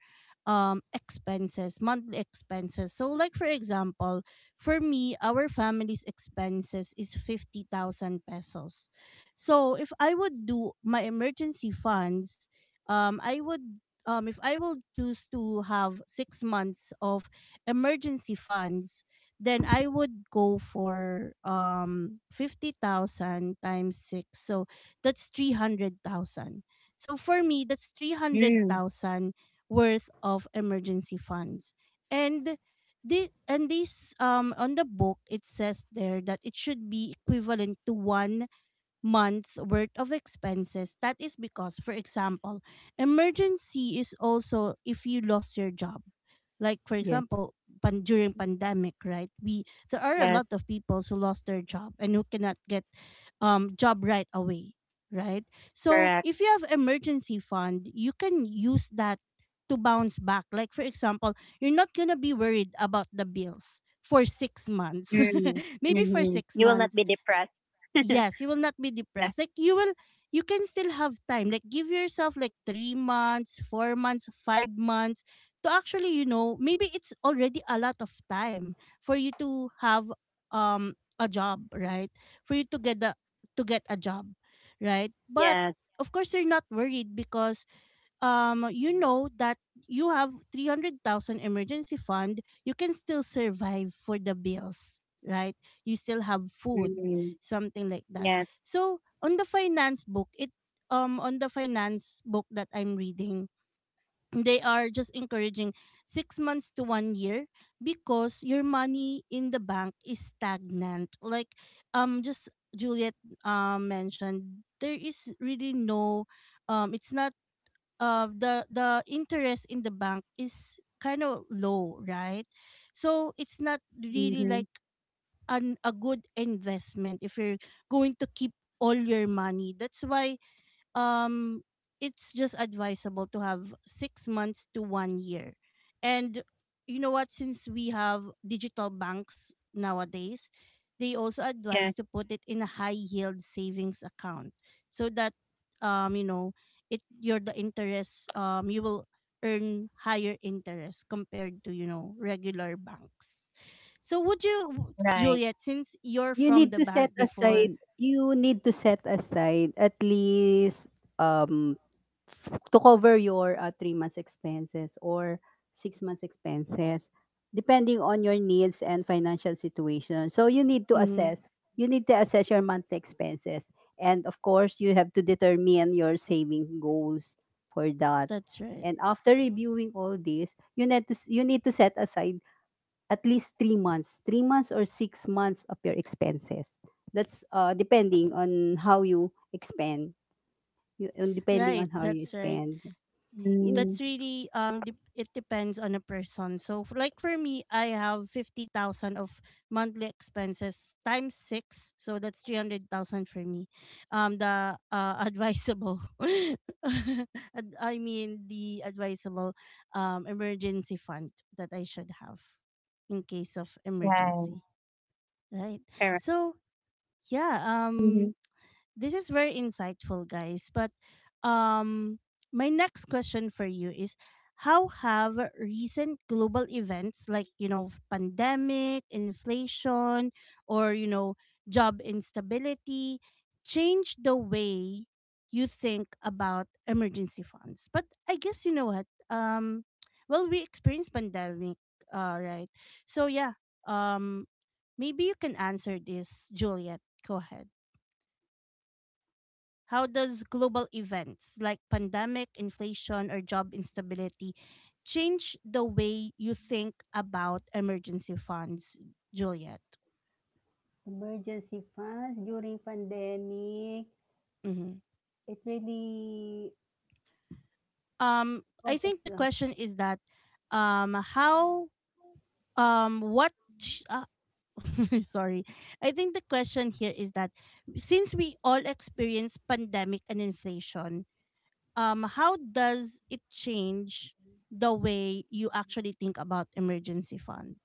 S1: um expenses, monthly expenses. So, like for example, for me our family's expenses is fifty thousand pesos. So if I would do my emergency funds, um I would, um if I will choose to have six months of emergency funds, then I would go for um fifty thousand times six. So that's three hundred thousand. So for me that's
S2: Yeah,
S1: three hundred thousand worth of emergency funds. And the, and this um on the book it says there that it should be equivalent to one month worth of expenses. That is because, for example, emergency is also if you lost your job. Like for
S3: Yes,
S1: example, pan- during pandemic, right? We, there are a
S3: yes.
S2: yes,
S1: lot of people who lost their job and who cannot get um job right away, right? So
S2: correct.
S1: if you have emergency fund, you can use that to bounce back. Like for example, you're not gonna be worried about the bills for six months,
S2: Mm.
S1: maybe for
S2: Mm-hmm.
S1: six
S2: You will not
S1: months
S2: be depressed.
S1: yes you will not be
S2: Yeah.
S1: depressed. Like you will, you can still have time, like give yourself like three months, four months, five months to actually, you know, maybe it's already a lot of time for you to have um a job, right? For you to get the, to get a job, right? But
S2: Yes.
S1: of course you're not worried because um you know that you have three hundred thousand emergency fund, you can still survive for the bills, right? You still have food,
S2: Mm.
S1: something like that.
S2: Yes.
S1: So, on the finance book, it um on the finance book that I'm reading, they are just encouraging six months to one year, because your money in the bank is stagnant. Like, um just Juliet um mentioned there is really no, um it's not, uh, the the interest in the bank is kind of low, right? So it's not really
S2: Mm-hmm.
S1: like an a good investment if you're going to keep all your money. That's why um it's just advisable to have six months to one year. And you know what, since we have digital banks nowadays, they also advise
S2: Yes.
S1: to put it in a high yield savings account so that, um you know it your the interest, um you will earn higher interest compared to you know regular banks. So would you,
S2: Right.
S1: Juliet, since you're
S3: You
S1: from
S3: need
S1: the
S3: to set
S1: bank before?
S3: aside, you need to set aside at least um to cover your uh, three months expenses or six months expenses, depending on your needs and financial situation. So you need to
S1: Mm,
S3: assess. You need to assess your monthly expenses, and of course, you have to determine your saving goals for that.
S1: that's right.
S3: And after reviewing all this, you need to s- you need to set aside at least three months, three months or six months of your expenses. That's uh, depending on how you expend, you, on depending
S1: Right,
S3: on how you
S1: that's right.
S3: spend. In
S1: That's
S2: Mm.
S1: really um dep it depends on a person. So f- like for me, I have fifty thousand of monthly expenses times six, so that's three hundred thousand for me. Um the uh advisable ad- I mean the advisable um emergency fund that I should have in case of
S2: Right.
S1: emergency, right?
S2: Correct.
S1: So, yeah,
S2: Mm-hmm.
S1: um this is very insightful, guys. But um, my next question for you is how have recent global events like, you know, f- pandemic, inflation, or, you know, job instability changed the way you think about emergency funds? But I guess, you know what? Um, well, we experienced pandemic, uh, right? So, yeah, um, maybe you can answer this, Juliet. Go ahead. How does global events like pandemic, inflation, or job instability change the way you think about emergency funds, Juliet?
S3: emergency funds during pandemic,
S1: Mm-hmm.
S3: it really
S1: Um, I
S3: causes,
S1: think the
S3: um,
S1: question is that, um, how, um, what, sh- uh, sorry, I think the question here is that since we all experience pandemic and inflation, um, how does it change the way you actually think about emergency fund?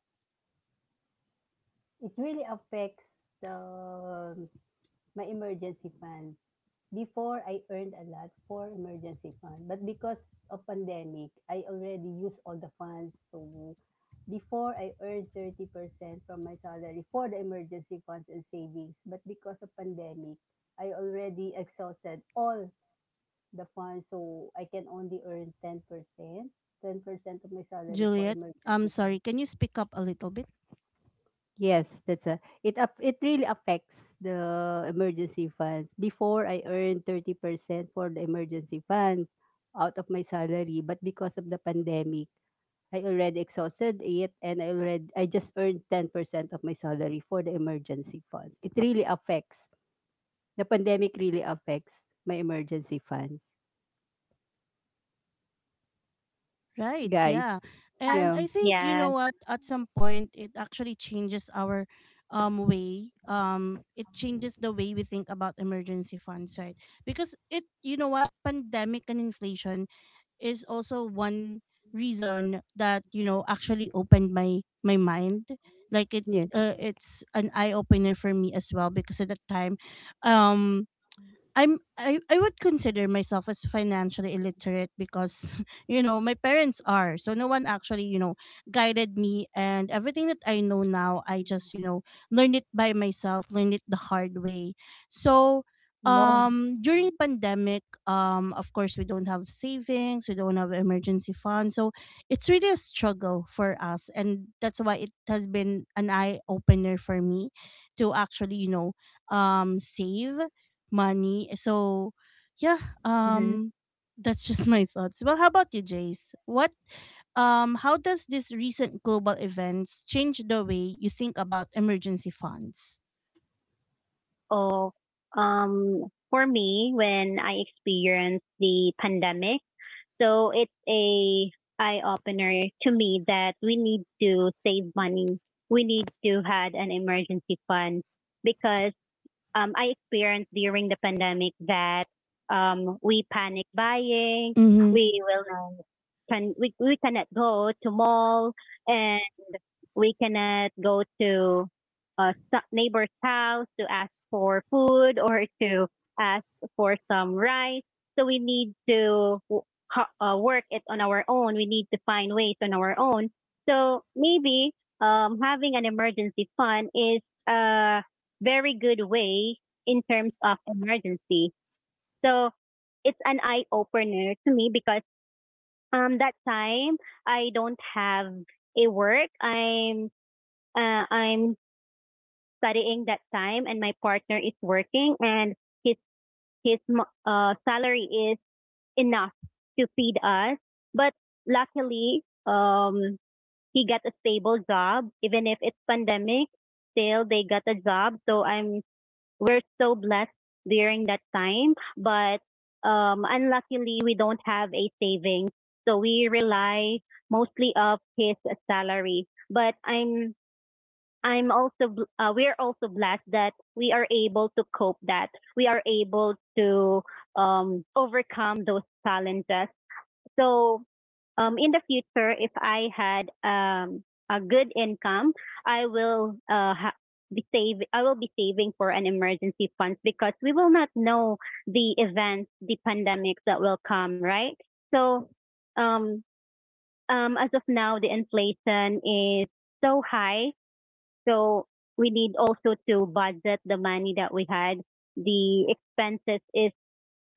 S3: it really affects the um, my emergency fund. Before, I earned a lot for emergency fund. But because of pandemic, I already used all the funds. So before, I earned thirty percent from my salary for the emergency funds and savings. But because of pandemic, I already exhausted all the funds. So I can only earn ten percent, ten percent of my salary for
S1: Juliet, I'm
S3: emergency fund.
S1: sorry, can you speak up a little bit?
S3: Yes, that's a it up it really affects the emergency fund. Before I earned thirty percent for the emergency fund out of my salary, but because of the pandemic, I already exhausted it and I already I just earned ten percent of my salary for the emergency funds. It really affects. The pandemic really affects my emergency funds.
S1: Right,
S3: Guys,
S1: yeah.
S2: Ah,
S3: yeah,
S1: And I think, you know
S2: yes.
S1: what, at some point it actually changes our um way. Um it changes the way we think about emergency funds, right? Because, it you know what, pandemic and inflation is also one reason that you know actually opened my my mind. Like, it
S3: yes.
S1: uh, it's an eye opener for me as well because at that time um I'm I, I would consider myself as financially illiterate, because you know my parents are so no one actually you know guided me, and everything that I know now, I just you know learned it by myself, learned it the hard way. So
S2: Oh.
S1: um during pandemic, um of course we don't have savings, we don't have emergency funds, so it's really a struggle for us, and that's why it has been an eye opener for me to actually you know um save money. So, yeah,
S2: Mm-hmm.
S1: um, that's just my thoughts. Well, how about you, Jace? What, um, how does this recent global events change the way you think about emergency funds?
S2: Oh. Um. For me, when I experienced the pandemic, so it's a eye opener to me that we need to save money. We need to had an emergency fund because um, I experienced during the pandemic that um, we panic buying,
S1: Mm-hmm.
S2: we will not, can we, we cannot go to mall and we cannot go to a so- neighbor's house to ask for food or to ask for some rice. So we need to uh, work it on our own. We need to find ways on our own. So maybe um, having an emergency fund is a very good way in terms of emergency. So it's an eye opener to me because um, that time I don't have a work. I'm uh, I'm studying that time and my partner is working and his his uh, salary is enough to feed us. But luckily, um, he got a stable job even if it's pandemic. Still, they got a job, so I'm we're so blessed during that time. But um, unluckily, we don't have a savings, so we rely mostly of his salary. But I'm I'm also bl- uh, we're also blessed that we are able to cope, that we are able to um, overcome those challenges. So um, in the future, if I had um, a good income, I will uh, ha- be save I will be saving for an emergency funds because we will not know the events, the pandemics that will come, right? So um, um, as of now, the inflation is so high, so we need also to budget the money that we had. The expenses is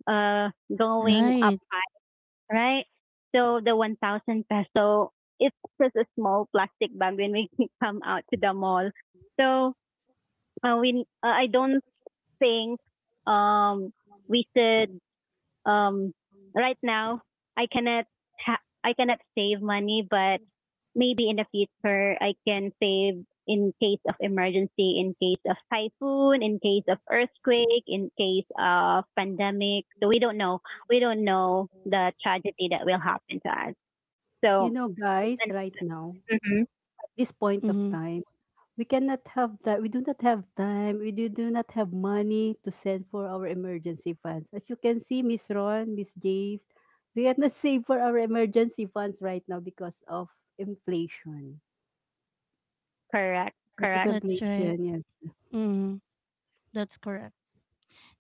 S2: uh going up
S1: Right.
S2: high, right? So the one thousand peso is just a small plastic bag when we come out to the mall. So uh, we uh, I don't think um we should um right now. I cannot ha- I cannot save money, but maybe in the future I can save in case of emergency, in case of typhoon, in case of earthquake, in case of pandemic. So we don't know. We don't know the tragedy that will happen to us.
S3: You
S2: So
S3: know, guys,
S2: and,
S3: right now,
S2: mhm,
S3: this point of
S1: Mm-hmm.
S3: time. We cannot have that. We do not have time. We do, do not have money to send for our emergency funds. As you can see, Miss Ron, Miss Dave, we cannot save for our emergency funds right now because of inflation.
S2: correct,
S3: Because of
S2: correct.
S1: That's
S3: inflation,
S1: right.
S3: yes.
S1: Mm, that's correct.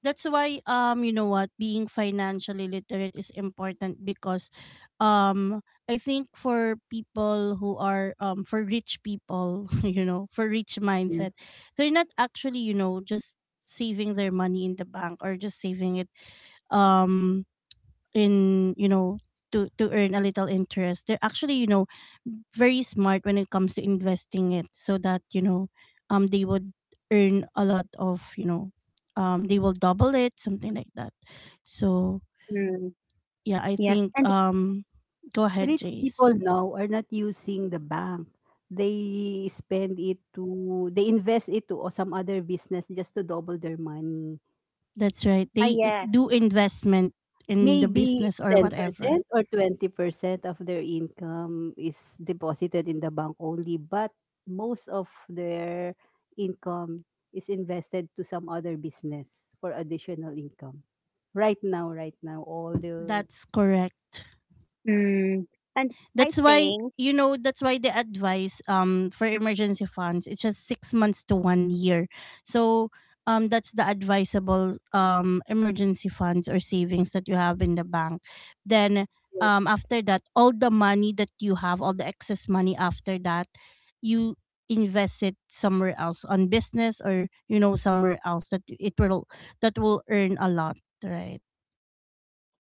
S1: That's why, um you know what, being financially literate is important because um I think for people who are, um for rich people, you know, for rich
S3: Yes.
S1: mindset, they're not actually, you know, just saving their money in the bank or just saving it um in you know to to earn a little interest. They're actually you know very smart when it comes to investing it, so that you know um they would earn a lot of, you know um they will double it, something like that. So,
S2: Mm,
S1: yeah, I
S2: yes,
S1: think
S2: and
S1: um go ahead,
S3: Rich people
S1: Jace.
S3: now are not using the bank. They spend it to, they invest it to or some other business just to double their money.
S1: That's right,
S2: I
S1: they i-
S2: yes.
S1: do investment in the
S3: Maybe
S1: business
S3: it's
S1: or whatever.
S3: ten percent or twenty percent of their income is deposited in the bank only, but most of their income is invested to some other business for additional income. Right now, right now, all the
S1: That's correct.
S2: Mm, and I
S1: That's why
S2: think
S1: you know that's why the advice um for emergency funds it's just six months to one year. So um that's the advisable um emergency funds or savings that you have in the bank. Then um after that, all the money that you have all the excess money after that, you invest it somewhere else on business, or, you know somewhere else that it will that will earn a lot, right?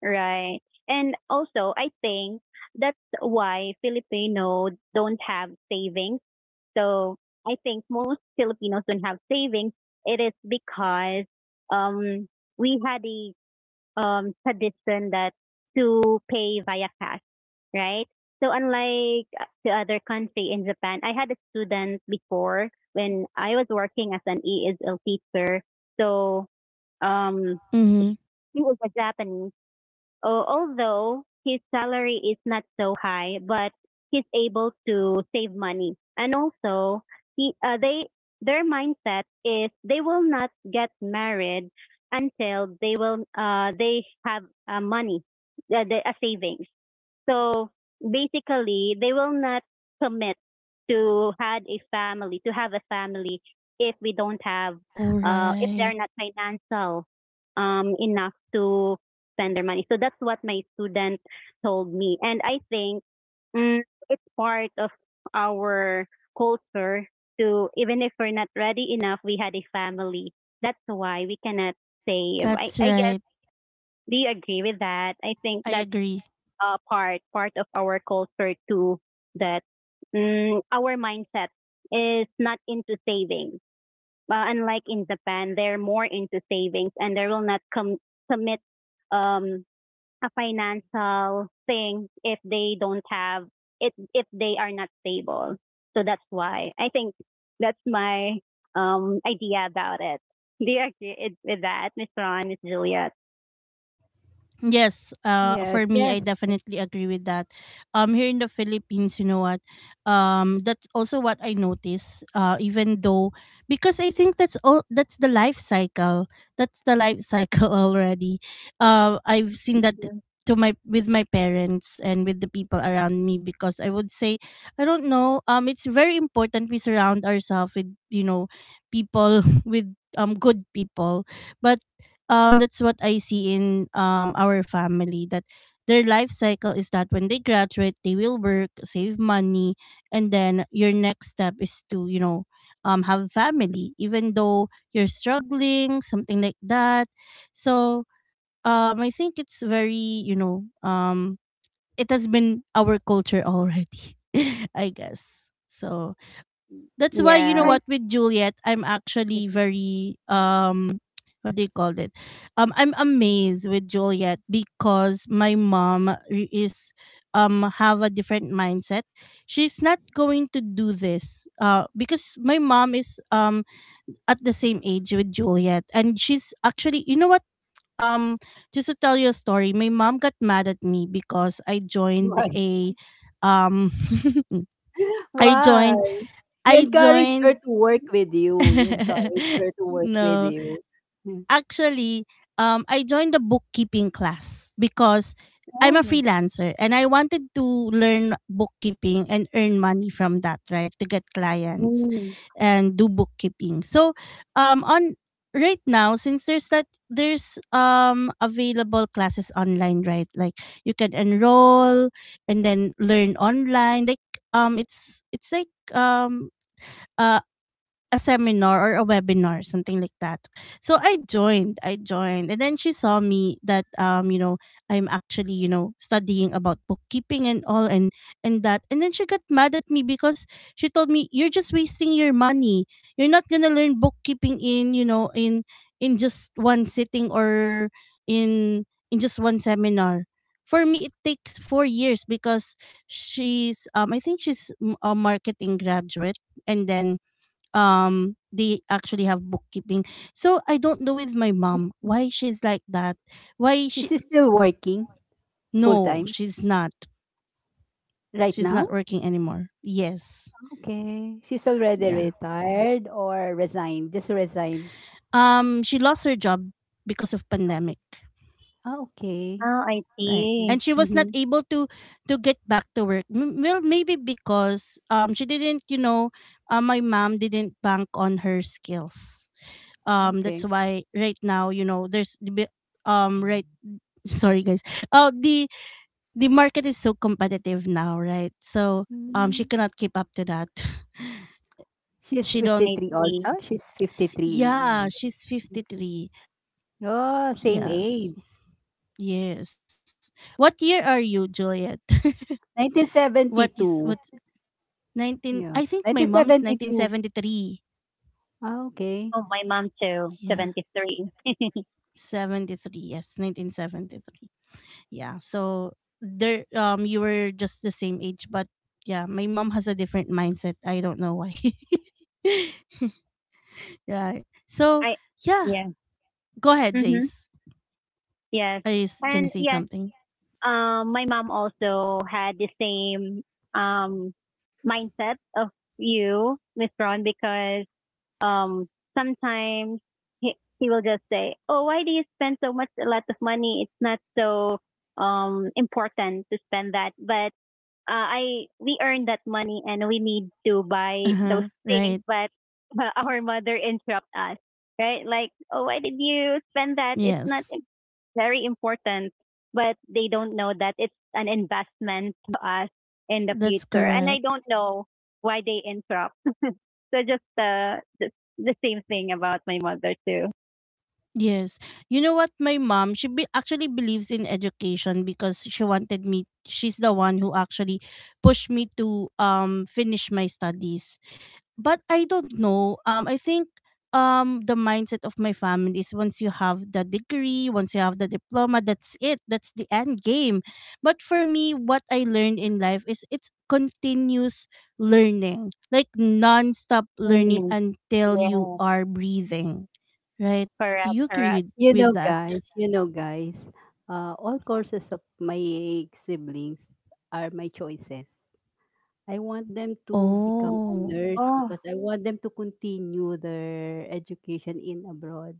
S2: right. And also, I think that's why Filipinos don't have savings. So I think most Filipinos don't have savings. It is because um, we had a um, tradition that to pay via cash, right? So unlike the other country in Japan, I had a student before when I was working as an E S L teacher. So um,
S1: Mhm.
S2: he was a Japanese. Uh, although his salary is not so high, but he's able to save money. And also, he, uh, they their mindset is they will not get married until they will uh, they have uh, money, uh, the, a savings. So basically, they will not commit to had a family, to have a family if we don't have,
S1: All
S2: uh, if they're
S1: right.
S2: not financial um, enough to spend their money. So that's what my student told me, and I think mm, it's part of our culture to even if we're not ready enough, we had a family. That's why we cannot save. I,
S1: That's
S2: I guess,
S1: right.
S2: do you agree with that? I think
S1: I
S2: that's
S1: agree.
S2: uh, part part of our culture too, that mm, our mindset is not into savings. But unlike in Japan, they're more into savings and they will not com- commit um, a financial thing if they don't have it, if they are not stable. So that's why I think that's my um, idea about it. Do you agree with that, Miss Ron, Miss Juliet?
S1: Yes, uh,
S3: yes,
S1: for me, I
S3: yes,
S1: definitely agree with that. Um, here in the Philippines, you know what? Um, that's also what I notice. Uh, even though, because I think, that's all. That's the life cycle. That's the life cycle already. Uh, I've seen that
S2: Yeah.
S1: to my with my parents and with the people around me, because I would say, I don't know. Um, it's very important we surround ourselves with you know people, with um good people, but um that's what I see in um our family, that their life cycle is that when they graduate they will work, save money, and then your next step is to, you know, um have family, even though you're struggling, something like that. So um I think it's very, you know, um it has been our culture already, I guess. So that's why, you know
S2: Yes.
S3: right.
S1: what, with Juliet, I'm actually very um what do you call it? Um I'm amazed with Juliet because my mom re- is um have a different mindset. She's not going to do this uh because my mom is um at the same age with Juliet, and she's actually, you know what, um just to tell you a story, my mom got mad at me because I joined
S3: Why?
S1: a um I joined
S3: Why? You
S1: I
S3: encourage
S1: joined
S3: her to work with you. You encourage her to work with
S1: no.
S3: you. Mm.
S1: Actually, um, I joined a bookkeeping class because I'm
S3: Oh
S1: a
S3: my.
S1: freelancer and I wanted to learn bookkeeping and earn money from that, right? To get clients
S2: Mm.
S1: and do bookkeeping. So, um, on right now, since there's that there's um available classes online, right, like you can enroll and then learn online, like um it's it's like um uh, a seminar or a webinar, something like that. So I joined, I joined, and then she saw me that, um, you know, I'm actually you know studying about bookkeeping and all, and and that, and then she got mad at me because she told me, you're just wasting your money. You're not gonna learn bookkeeping in, you know in in just one sitting, or in in just one seminar. For me, it takes four years because she's um I think she's mm, a marketing graduate, and then um they actually have bookkeeping, so I don't know with my mom why she's like that, why she,
S3: She's still working full
S1: no,
S3: time
S1: she's not
S3: right
S1: She's
S3: now?
S1: not working anymore, yes.
S3: Okay. She's already
S1: Yeah,
S3: retired or resigned? Just resigned.
S1: um she lost her job because of pandemic,
S3: Ah, okay.
S2: Oh, I
S1: right,
S3: Mm,
S2: see.
S1: and she was not
S2: Mhm.
S1: able to to get back to work. M- well maybe because um she didn't, you know uh, my mom didn't bank on her skills. Um that's
S3: okay.
S1: why right now, you know there's the bi- um right, sorry guys. Uh the the market is so competitive now, right? So um
S3: Mm.
S1: she cannot keep up to that.
S3: She's
S1: she
S2: I
S1: don't
S3: fifty-three
S2: see.
S3: also? She's fifty-three years.
S1: Yeah, she's
S3: Okay.
S1: fifty three.
S3: Oh, same age.
S1: Yes. Yes. What year are you, Juliet? What is
S3: nineteen seventy-two.
S1: what nineteen,
S3: Yeah.
S1: I think my mom is nineteen
S3: nineteen seventy-two.
S1: seventy three.
S3: Ah, okay.
S2: Oh, my mom too,
S1: Yeah.
S2: seventy-three.
S1: seventy three, yes, nineteen seventy three, yeah, so there um you were just the same age, but yeah, my mom has a different mindset, I don't know why. Right. So
S2: I
S1: yeah,
S2: yeah.
S1: go ahead,
S2: Mhm.
S1: Jace.
S2: Yes.
S1: Are you s- gonna
S2: And
S1: say
S2: yes,
S1: something?
S2: um my mom also had the same um mindset of you, Miss Ron, because um sometimes he, he will just say, "Oh, why do you spend so much a lot of money? It's not so um important to spend that." But uh, I we earned that money and we need to
S1: Uh
S2: buy
S1: huh.
S2: those things,
S1: Right.
S2: but uh, our mother interrupt us, right? Like, oh, why did you spend that? It's not
S1: Yes.
S2: im- Very important, but they don't know that it's an investment to us in the
S1: That's
S2: future, and I
S1: correct.
S2: don't know why they interrupt. So just uh, the the same thing about my mother too.
S1: Yes. You know what? My mom, she be- actually believes in education because she wanted me. She's the one who actually pushed me to um finish my studies. But I don't know. Um, I think um the mindset of my family is once you have the degree, once you have the diploma, that's it. That's the end game. But for me, what I learned in life is it's continuous learning, like non-stop learning
S2: Mm,
S1: until you
S2: yeah.
S1: are breathing. Right? Do
S2: Correct,
S1: you
S2: correct.
S1: agree
S3: You know,
S1: with that?
S3: guys, you know, guys, uh, all courses of my siblings are my choices. I want them to become a
S1: Oh,
S3: nurse
S2: Oh.
S3: because I want them to continue their education in abroad.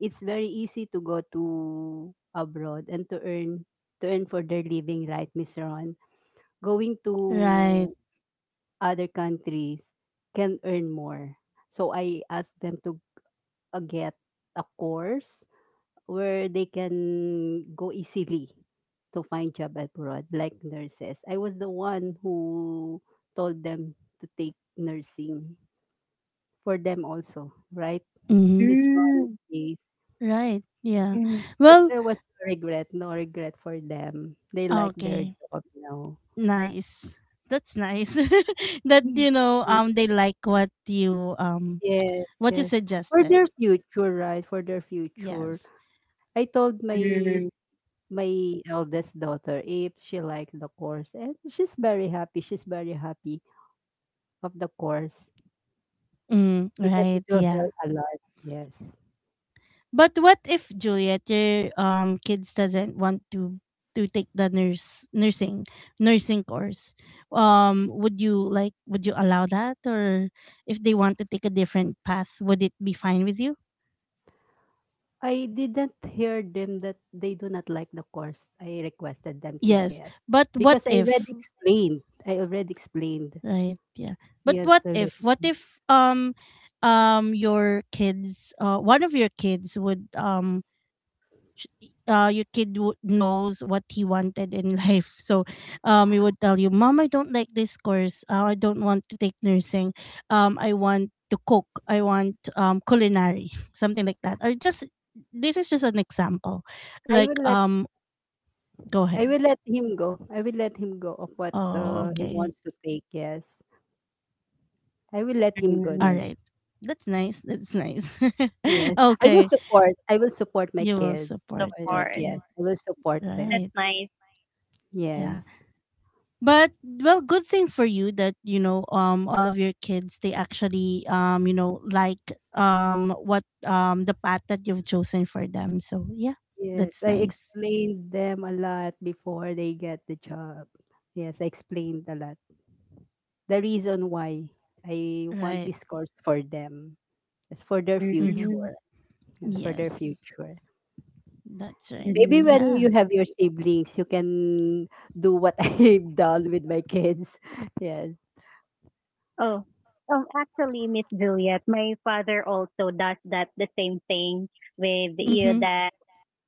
S3: It's very easy to go to abroad and to earn to earn for their living, right, Miss Ron? Going
S1: right.
S3: to other countries can earn more. So I ask them to uh, get a course where they can go easily to find job abroad, like nurses. I was the one who told them to take nursing for them also, right?
S1: Mm-hmm.
S3: Miss Ron
S2: Mm,
S3: case.
S1: Right. Yeah.
S2: mm,
S3: But
S1: Well,
S3: there was no regret, no regret for them. They like their
S1: okay.
S3: job now.
S1: Nice. That's nice. That,
S3: Mm.
S1: you know,
S3: Mm.
S1: um, they like what you um
S3: Yes,
S1: what you
S3: yes. For
S1: suggested.
S3: their future, right? For their future.
S1: Yes.
S3: I told my
S2: mm,
S3: my eldest daughter if she liked the course and she's very happy. She's very happy. Of the course
S1: Mm,
S3: because it
S1: right.
S3: will
S1: Yeah.
S3: help a lot. Yes.
S1: But what if, Juliet, your um kids doesn't want to to take the nurse nursing nursing course? Um, would you like would you allow that, or if they want to take a different path, would it be fine with you?
S3: I didn't hear them that they do not like the course I requested them to
S1: Yes.
S3: get,
S1: But what
S3: because I
S1: if,
S3: already explained. I already explained.
S1: right. Yeah. But
S3: Yes,
S1: what
S3: already.
S1: if, what if um um your kids, uh one of your kids would, um sh- uh your kid would knows what he wanted in life. So um he would tell you, "Mom, I don't like this course. Uh, I don't want to take nursing. Um I want to cook. I want um culinary." Something like that. Or just, this is just an example.
S3: I will
S1: Like,
S3: let
S1: um go
S3: I
S1: ahead.
S3: will let him go. I will let him go of what
S1: Oh,
S3: uh, he
S1: okay.
S3: wants to take. Yes, I will let him go
S1: All
S2: mm.
S3: now.
S1: right. That's nice. That's nice.
S3: Yes, I will
S1: Okay.
S3: support. I will support my
S1: You will
S3: kids
S1: support.
S3: for that.
S2: Support.
S1: Okay.
S3: Yes, I will support them.
S2: That's
S1: Right.
S2: nice.
S3: Yes.
S1: Yeah. But well, good thing for you that, you know, um all of your kids, they actually, um, you know, like um what um the path that you've chosen for them. So, yeah,
S3: Yes,
S1: that's
S3: I
S1: nice.
S3: explained them a lot before they get the job. Yes, I explained a lot. The reason why I want
S1: Right.
S3: this course for them is for their
S1: Mm-hmm.
S2: Mm-hmm.
S3: future. Yes, for their
S1: Yes.
S3: future.
S1: That's right.
S3: Maybe
S2: Mm-hmm.
S3: when
S1: Yeah.
S3: you have your siblings, you can do what I've done with my kids. Yes,
S2: Oh, um, actually, Miss Juliet, my father also does that the same thing with you.
S1: Mm-hmm.
S2: That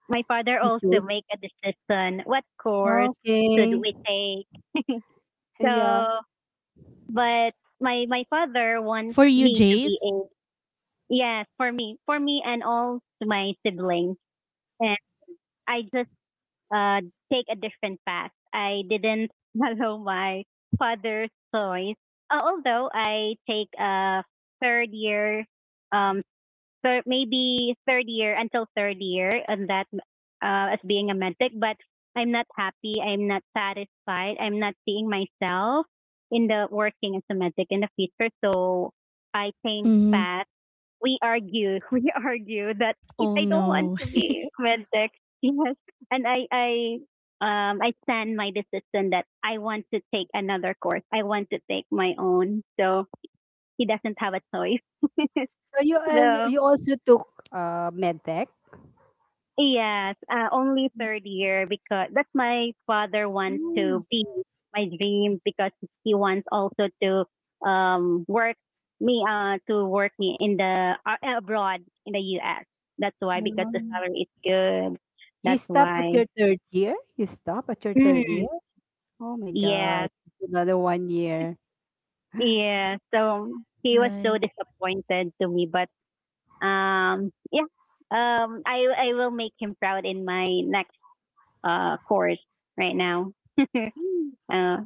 S2: my father
S3: he
S2: also
S3: chose.
S2: make a decision what course should
S3: Okay,
S2: we take.
S3: yeah.
S2: So, but my my father wants
S1: For you,
S2: me to be a,
S1: Jace.
S2: yes for me, for me and all my siblings, and I just uh, take a different path. I didn't follow my father's choice. Uh, although I take a third year um, thir- maybe third year until third year and that uh, as being a medtech, but I'm not happy. I'm not satisfied. I'm not seeing myself in the working as a medtech in the future. So I changed
S1: Mm-hmm.
S2: path. We argue, we argue that if
S1: Oh
S2: I don't want
S1: no.
S2: to be medtech, yes, and I, I um, I stand my decision that I want to take another course. I want to take my own. So he doesn't have a choice.
S3: So you al-
S2: So
S3: you also took uh med tech.
S2: yes, uh, only third year because that's my father wants
S3: Mm,
S2: to be my dream because he wants also to um work me uh to work me in the uh, abroad in the U S. That's why, because
S3: yeah.
S2: the salary is good.
S3: You
S2: That's
S3: stop at
S2: why.
S3: your third year? You stop at your third
S2: Mm,
S3: year? Oh my
S2: yes,
S3: God. It's another one year.
S2: yeah. So he was so
S1: Right.
S2: disappointed to me, but um yeah, um I I will make him proud in my next uh, course right now. uh,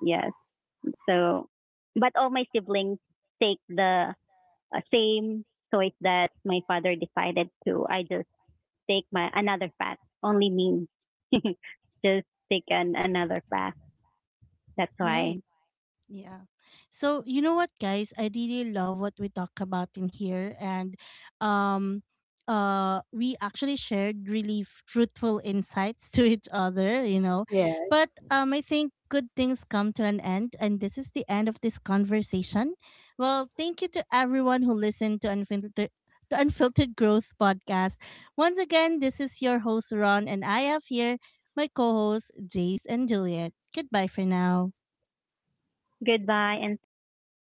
S2: yes. So, but all my siblings take the uh, same choice that my father decided to. I just take my another path. Only me. Just take an, another path. That's why.
S1: Right. Yeah. So you know what, guys? I really love what we talk about in here, and um, uh, we actually shared really fruitful insights to each other. You know,
S3: Yes.
S1: but um, I think good things come to an end, and this is the end of this conversation. Well, thank you to everyone who listened to unfiltered. The Unfiltered Growth Podcast. Once again, this is your host, Ron, and I have here my co hosts, Jace and Juliet. Goodbye for now.
S2: Goodbye and thank you.
S3: Goodbye.